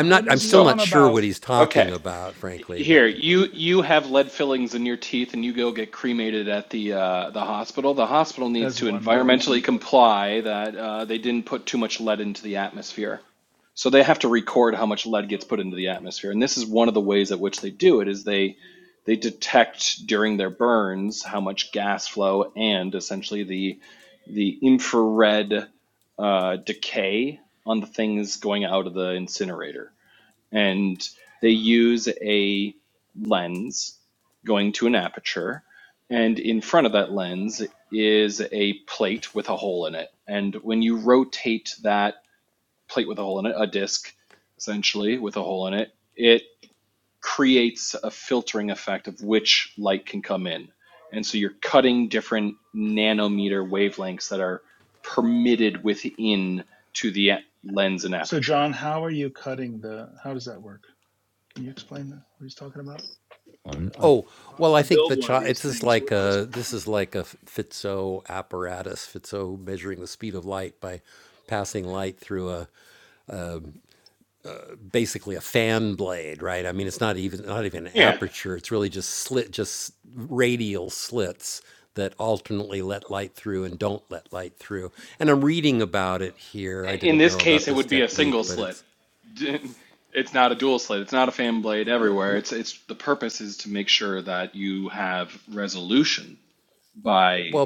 Speaker 5: What is he
Speaker 4: So
Speaker 5: on about?
Speaker 4: okay. Here, you you have lead fillings in your teeth, and you go get cremated at the uh, the hospital. The hospital needs
Speaker 5: As
Speaker 4: to
Speaker 5: one does.
Speaker 4: environmentally comply that uh, they didn't put too much lead into the atmosphere, so they have to record how much lead gets put into the atmosphere. And this is one of the ways at which they do it is they they detect during their burns how much gas flow and essentially the the infrared uh, decay on the things going out of the incinerator and they use a lens going to an aperture and in front of that lens is a plate with a hole in it and when you rotate that plate with a hole in it a disc essentially with a hole in it it creates a filtering effect of which light can come in and so you're cutting different nanometer wavelengths that are permitted within to the lens and
Speaker 5: So,
Speaker 4: aperture
Speaker 5: John, how are you cutting the? How does that work? Can you explain that? What he's talking about? If
Speaker 2: Um, I,
Speaker 5: I want to build one of these things, what what's going on?
Speaker 4: Yeah. In this case, it would be a single slit. <laughs> It's not a dual slit. It's not a fan blade everywhere. It's it's the purpose is to make sure that you have resolution by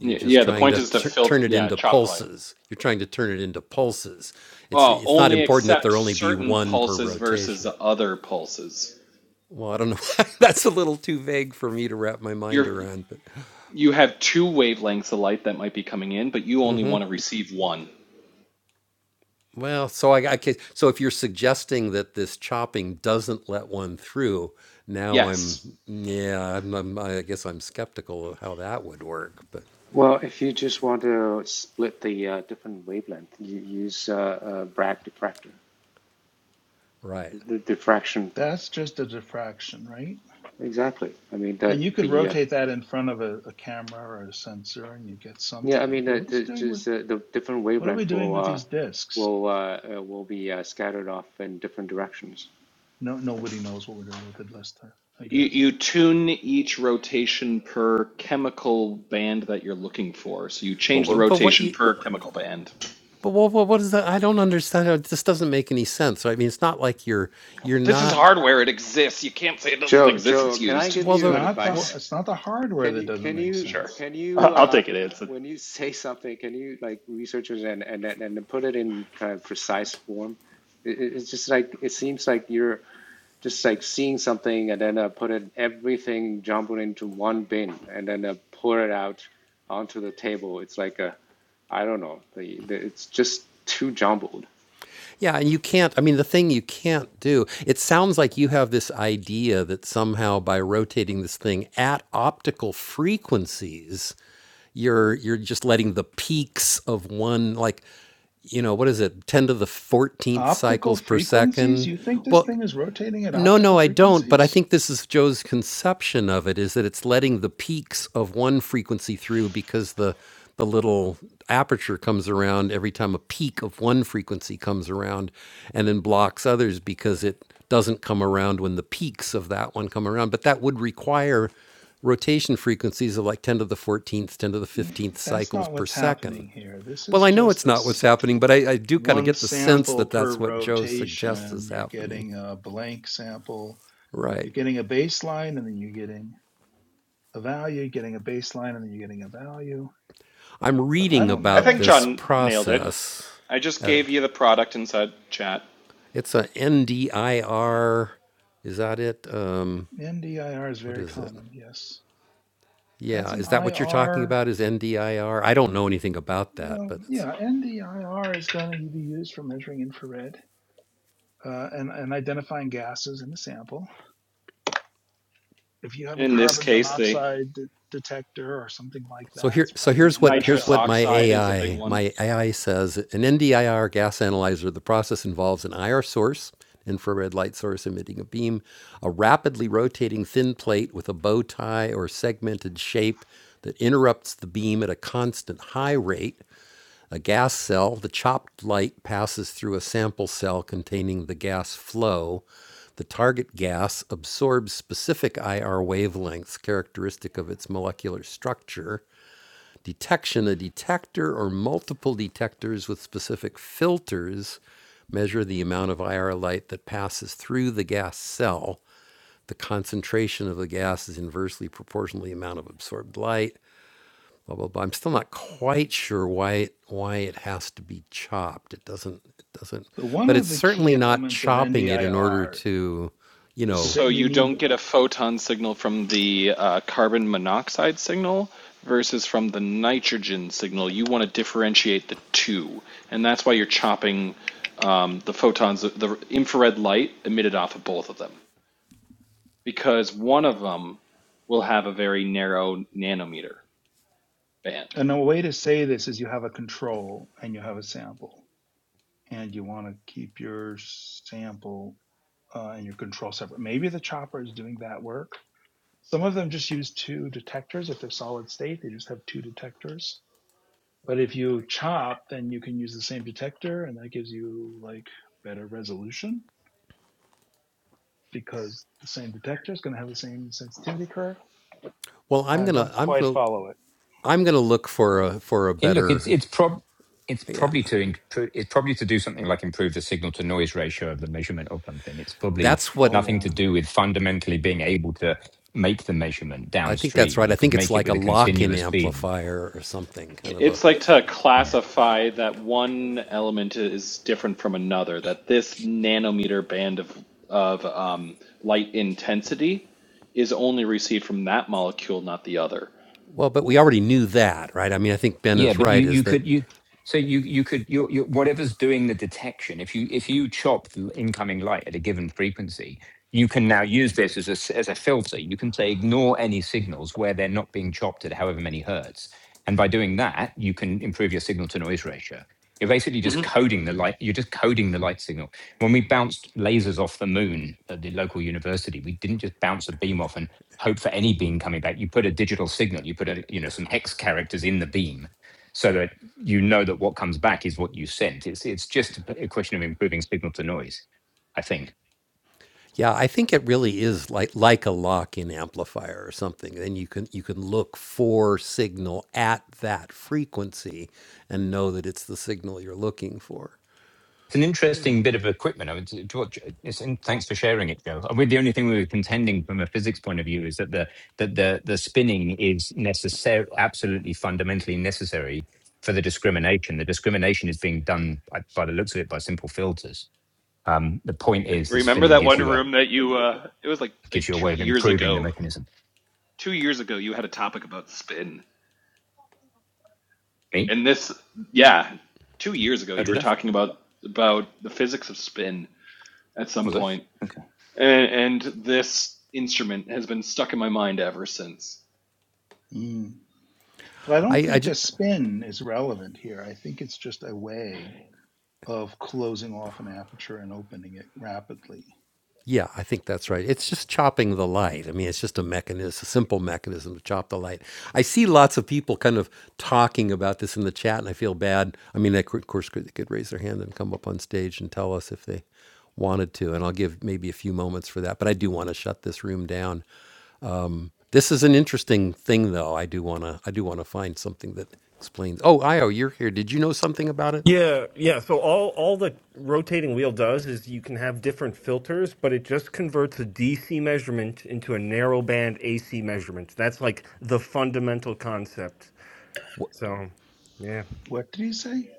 Speaker 4: y- yeah. The point is to filter yeah chop the light. Oh, only accept certain pulses versus other pulses. You're you have two wavelengths of light that might be coming in, but you only want to receive one. Yes.
Speaker 8: Well, if you just want to split the uh, different wavelength, you use uh, uh, Bragg diffractor. The, the diffraction,
Speaker 5: That's just a diffraction, right?
Speaker 8: exactly. I mean
Speaker 5: And
Speaker 8: that
Speaker 5: you could
Speaker 8: the uh,
Speaker 5: rotate that in front of a, a camera or a sensor, and you get
Speaker 8: yeah, I
Speaker 5: something.
Speaker 8: mean
Speaker 5: But what
Speaker 8: that
Speaker 5: is he
Speaker 8: the,
Speaker 5: doing
Speaker 8: just
Speaker 5: with?
Speaker 8: uh, the different
Speaker 5: What are
Speaker 8: wavelength
Speaker 5: we doing
Speaker 8: will
Speaker 5: with
Speaker 8: uh,
Speaker 5: these discs?
Speaker 8: will uh, uh, will be uh, scattered off in different directions.
Speaker 5: No, nobody knows what we're doing with it last time. I
Speaker 4: You,
Speaker 5: guess
Speaker 4: you tune each rotation per chemical band that you're looking for. So you change the rotation per chemical band. This is hardware. It exists. You can't say it doesn't
Speaker 8: Joe,
Speaker 4: exist.
Speaker 8: Joe,
Speaker 4: It's
Speaker 8: can I
Speaker 4: used.
Speaker 8: give
Speaker 5: it's
Speaker 8: you an
Speaker 5: not the
Speaker 8: advice?
Speaker 5: it's not the hardware
Speaker 8: Can
Speaker 5: that
Speaker 8: you
Speaker 5: doesn't
Speaker 8: can
Speaker 5: make
Speaker 8: you
Speaker 4: Sure.
Speaker 5: sense.
Speaker 8: can you
Speaker 4: I- I'll
Speaker 8: uh,
Speaker 4: take it. It's a-
Speaker 8: when you <laughs> say something, can you like researchers and and and and put it in kind of precise form? It, it- it's just like it seems like you're just like seeing something and then uh, put it everything jumbled into one bin and then uh, pour it out onto the table. It's like a I don't know. The, the, it's just too jumbled.
Speaker 5: Optical frequencies? You think this thing is rotating at optical frequencies? Mm, That's not what's happening here. This is just a s- one sample per rotation. You're getting a blank sample. You're getting a baseline and then you're getting a value, getting a baseline and then you're getting a value. But I don't
Speaker 4: I think
Speaker 5: know.
Speaker 4: John nailed it. I just gave you the product inside chat.
Speaker 5: NDIR is very common. Yes. That's an IR. Well, yeah, NDIR is going to be used for measuring infrared. uh, and, and identifying gases in the sample. If you have a
Speaker 4: In this
Speaker 5: carbon
Speaker 4: case, the
Speaker 5: monoxide de- detector or something like that, it's probably
Speaker 4: nitrous
Speaker 5: NDIR.
Speaker 4: oxide is a big one.
Speaker 5: So, one of the key elements of NDIR is that
Speaker 4: So
Speaker 5: you
Speaker 4: you
Speaker 5: need,
Speaker 4: don't get a photon signal from the uh, carbon monoxide signal versus from the nitrogen signal. You want to differentiate the two, and that's why you're chopping um, the photons, the infrared light emitted off of both of them, because one of them will have a very narrow nanometer band.
Speaker 5: and a way to say this is you have a control and you have a sample, and you want to keep your sample uh, and your control separate. Maybe the chopper is doing that work. Some of them just use two detectors. If they're solid state, they just have two detectors But if you chop, then you can use the same detector, and that gives you like better resolution because the same detector is going to have the same sensitivity curve. I don't quite follow it.
Speaker 2: and look, it's it's prob it's probably to improve, it's probably to do something like improve the signal to noise ratio of the measurement or something. It's probably
Speaker 5: Oh
Speaker 2: nothing
Speaker 5: yeah,
Speaker 2: to do with fundamentally being able to make the measurement downstream. You could make it with a continuous beam.
Speaker 4: It's like to
Speaker 2: Yeah.
Speaker 4: classify that one element is different from another, that this nanometer band of of um, light intensity is only received from that molecule, not the other.
Speaker 2: Yeah, but you you could you so you you could you you whatever's doing the detection. If you if you chop the incoming light at a given frequency, you can now use this as a s- as a filter. You can say ignore any signals where they're not being chopped at however many hertz, and by doing that, you can improve your signal to noise ratio. You're basically just
Speaker 4: hmm
Speaker 2: coding the light. You're just coding the light signal. When we bounced lasers off the moon at the local university, we didn't just bounce a beam off and hope for any beam coming back. You put a digital signal. You put a you know some hex characters in the beam so that you know that what comes back is what you sent. It's it's just a question of improving signal to noise, I think. It's an interesting bit of equipment. I mean, to, to what, it's, and thanks for sharing it, Joe. I mean, the only thing we were contending from a physics point of view is that the that the the spinning is necessary, absolutely fundamentally necessary for the discrimination. The discrimination is being done by, by the looks of it by simple filters. Um, the point is, the
Speaker 4: Remember
Speaker 2: spinning
Speaker 4: that
Speaker 2: gives
Speaker 4: one
Speaker 2: you a
Speaker 4: room that you uh it was like
Speaker 2: gives
Speaker 4: like
Speaker 2: you a
Speaker 4: 2
Speaker 2: way of
Speaker 4: years
Speaker 2: improving the
Speaker 4: ago.
Speaker 2: mechanism.
Speaker 4: 2 years ago you had a topic about spin.
Speaker 2: Me?
Speaker 4: And this yeah, 2 years ago
Speaker 2: Oh,
Speaker 4: you
Speaker 2: did
Speaker 4: were
Speaker 2: I?
Speaker 4: talking about about the physics of spin at some
Speaker 2: Was I?
Speaker 4: point.
Speaker 2: Okay.
Speaker 4: and, and this instrument has been stuck in my mind ever since.
Speaker 5: mm. but I don't think the spin is relevant here. I think it's just a way of closing off an aperture and opening it rapidly.
Speaker 10: Yeah, yeah. So all all the rotating wheel does is you can have different filters, but it just converts a DC measurement into a narrow band AC measurement. That's like the fundamental concept. So, yeah,
Speaker 5: What did he say?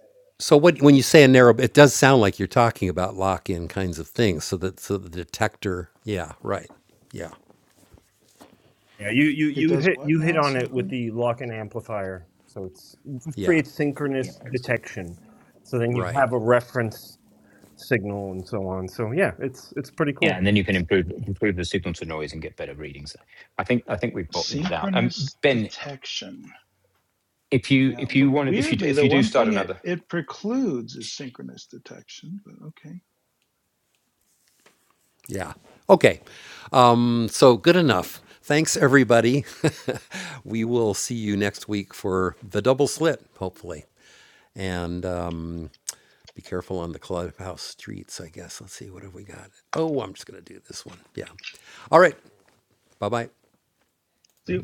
Speaker 10: yeah. You you
Speaker 5: It
Speaker 10: you
Speaker 5: does
Speaker 10: hit
Speaker 5: what
Speaker 10: you hit
Speaker 5: now
Speaker 10: on it with
Speaker 5: exactly?
Speaker 10: the lock and amplifier. So it's it just creates synchronous
Speaker 2: Yeah.
Speaker 10: detection. So then you have a reference signal and so on. So yeah, it's it's pretty
Speaker 2: Yeah,
Speaker 10: cool.
Speaker 2: and then you can improve improve the signal to noise and get better readings. I think I think we've bottomed it out. Um,
Speaker 5: synchronous
Speaker 2: ben,
Speaker 5: detection.
Speaker 2: if you
Speaker 5: Yeah,
Speaker 2: if
Speaker 5: the,
Speaker 2: you wanted if you
Speaker 5: weirdly,
Speaker 2: if
Speaker 5: the
Speaker 2: you do
Speaker 5: one
Speaker 2: start
Speaker 5: thing it,
Speaker 2: another
Speaker 5: it precludes is synchronous detection, but okay. see.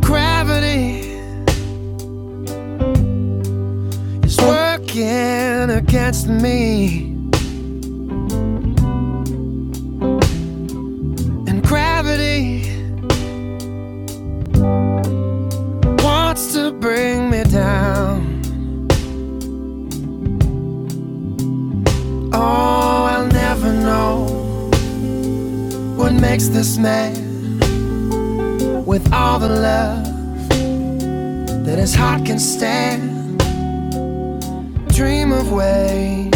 Speaker 11: Gravity is working against me, and gravity wants to bring me down. Oh, I'll never know what makes this man with all the love that his heart can stand. Dream of way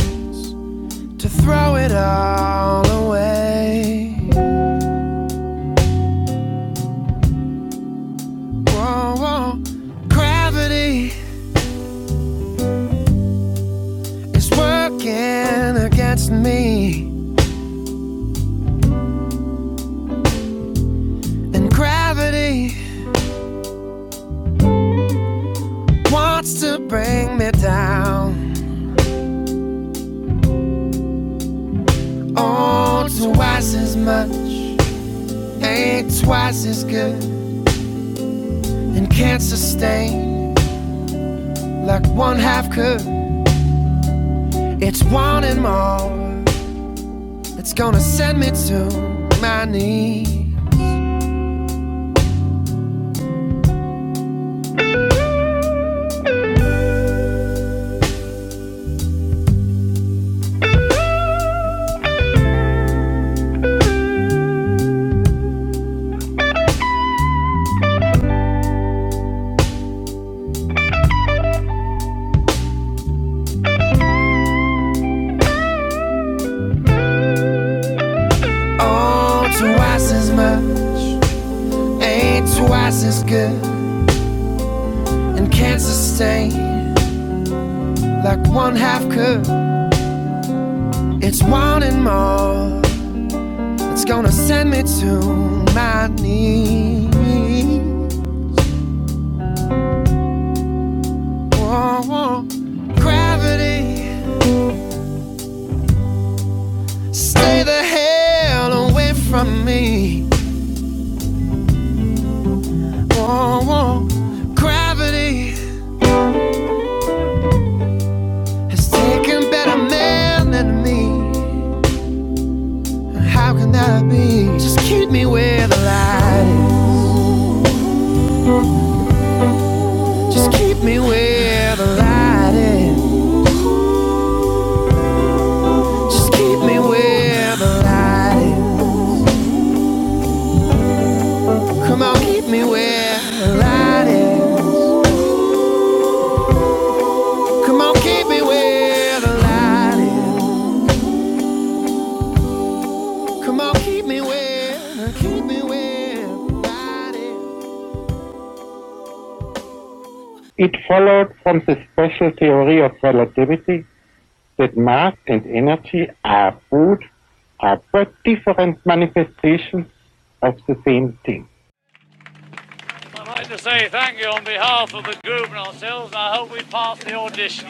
Speaker 11: to throw it all away. Whoa, whoa. Gravity is working against me, and gravity wants to bring me down. Oh, twice as much ain't twice as good and can't sustain like one half could. It's wanting more that's gonna send me to my knees. Oh, twice as much ain't twice as good and can't sustain like one half could. It's wanting more that's gonna send me to my knees. Oh, Gravity, stay the hell away from me. Oh, Gravity has taken better men than me. How can that be? Just keep me where the light is. Just keep me where the light is. Just keep me where the light is. Come on, keep me where the light is. Come on, keep me where the light is. Come on, keep me well, keep me well, body. It followed from the special theory of relativity that mass and energy are both, are but different manifestations of the same thing. I'd like to say thank you on behalf of the group and ourselves. I hope we pass the audition.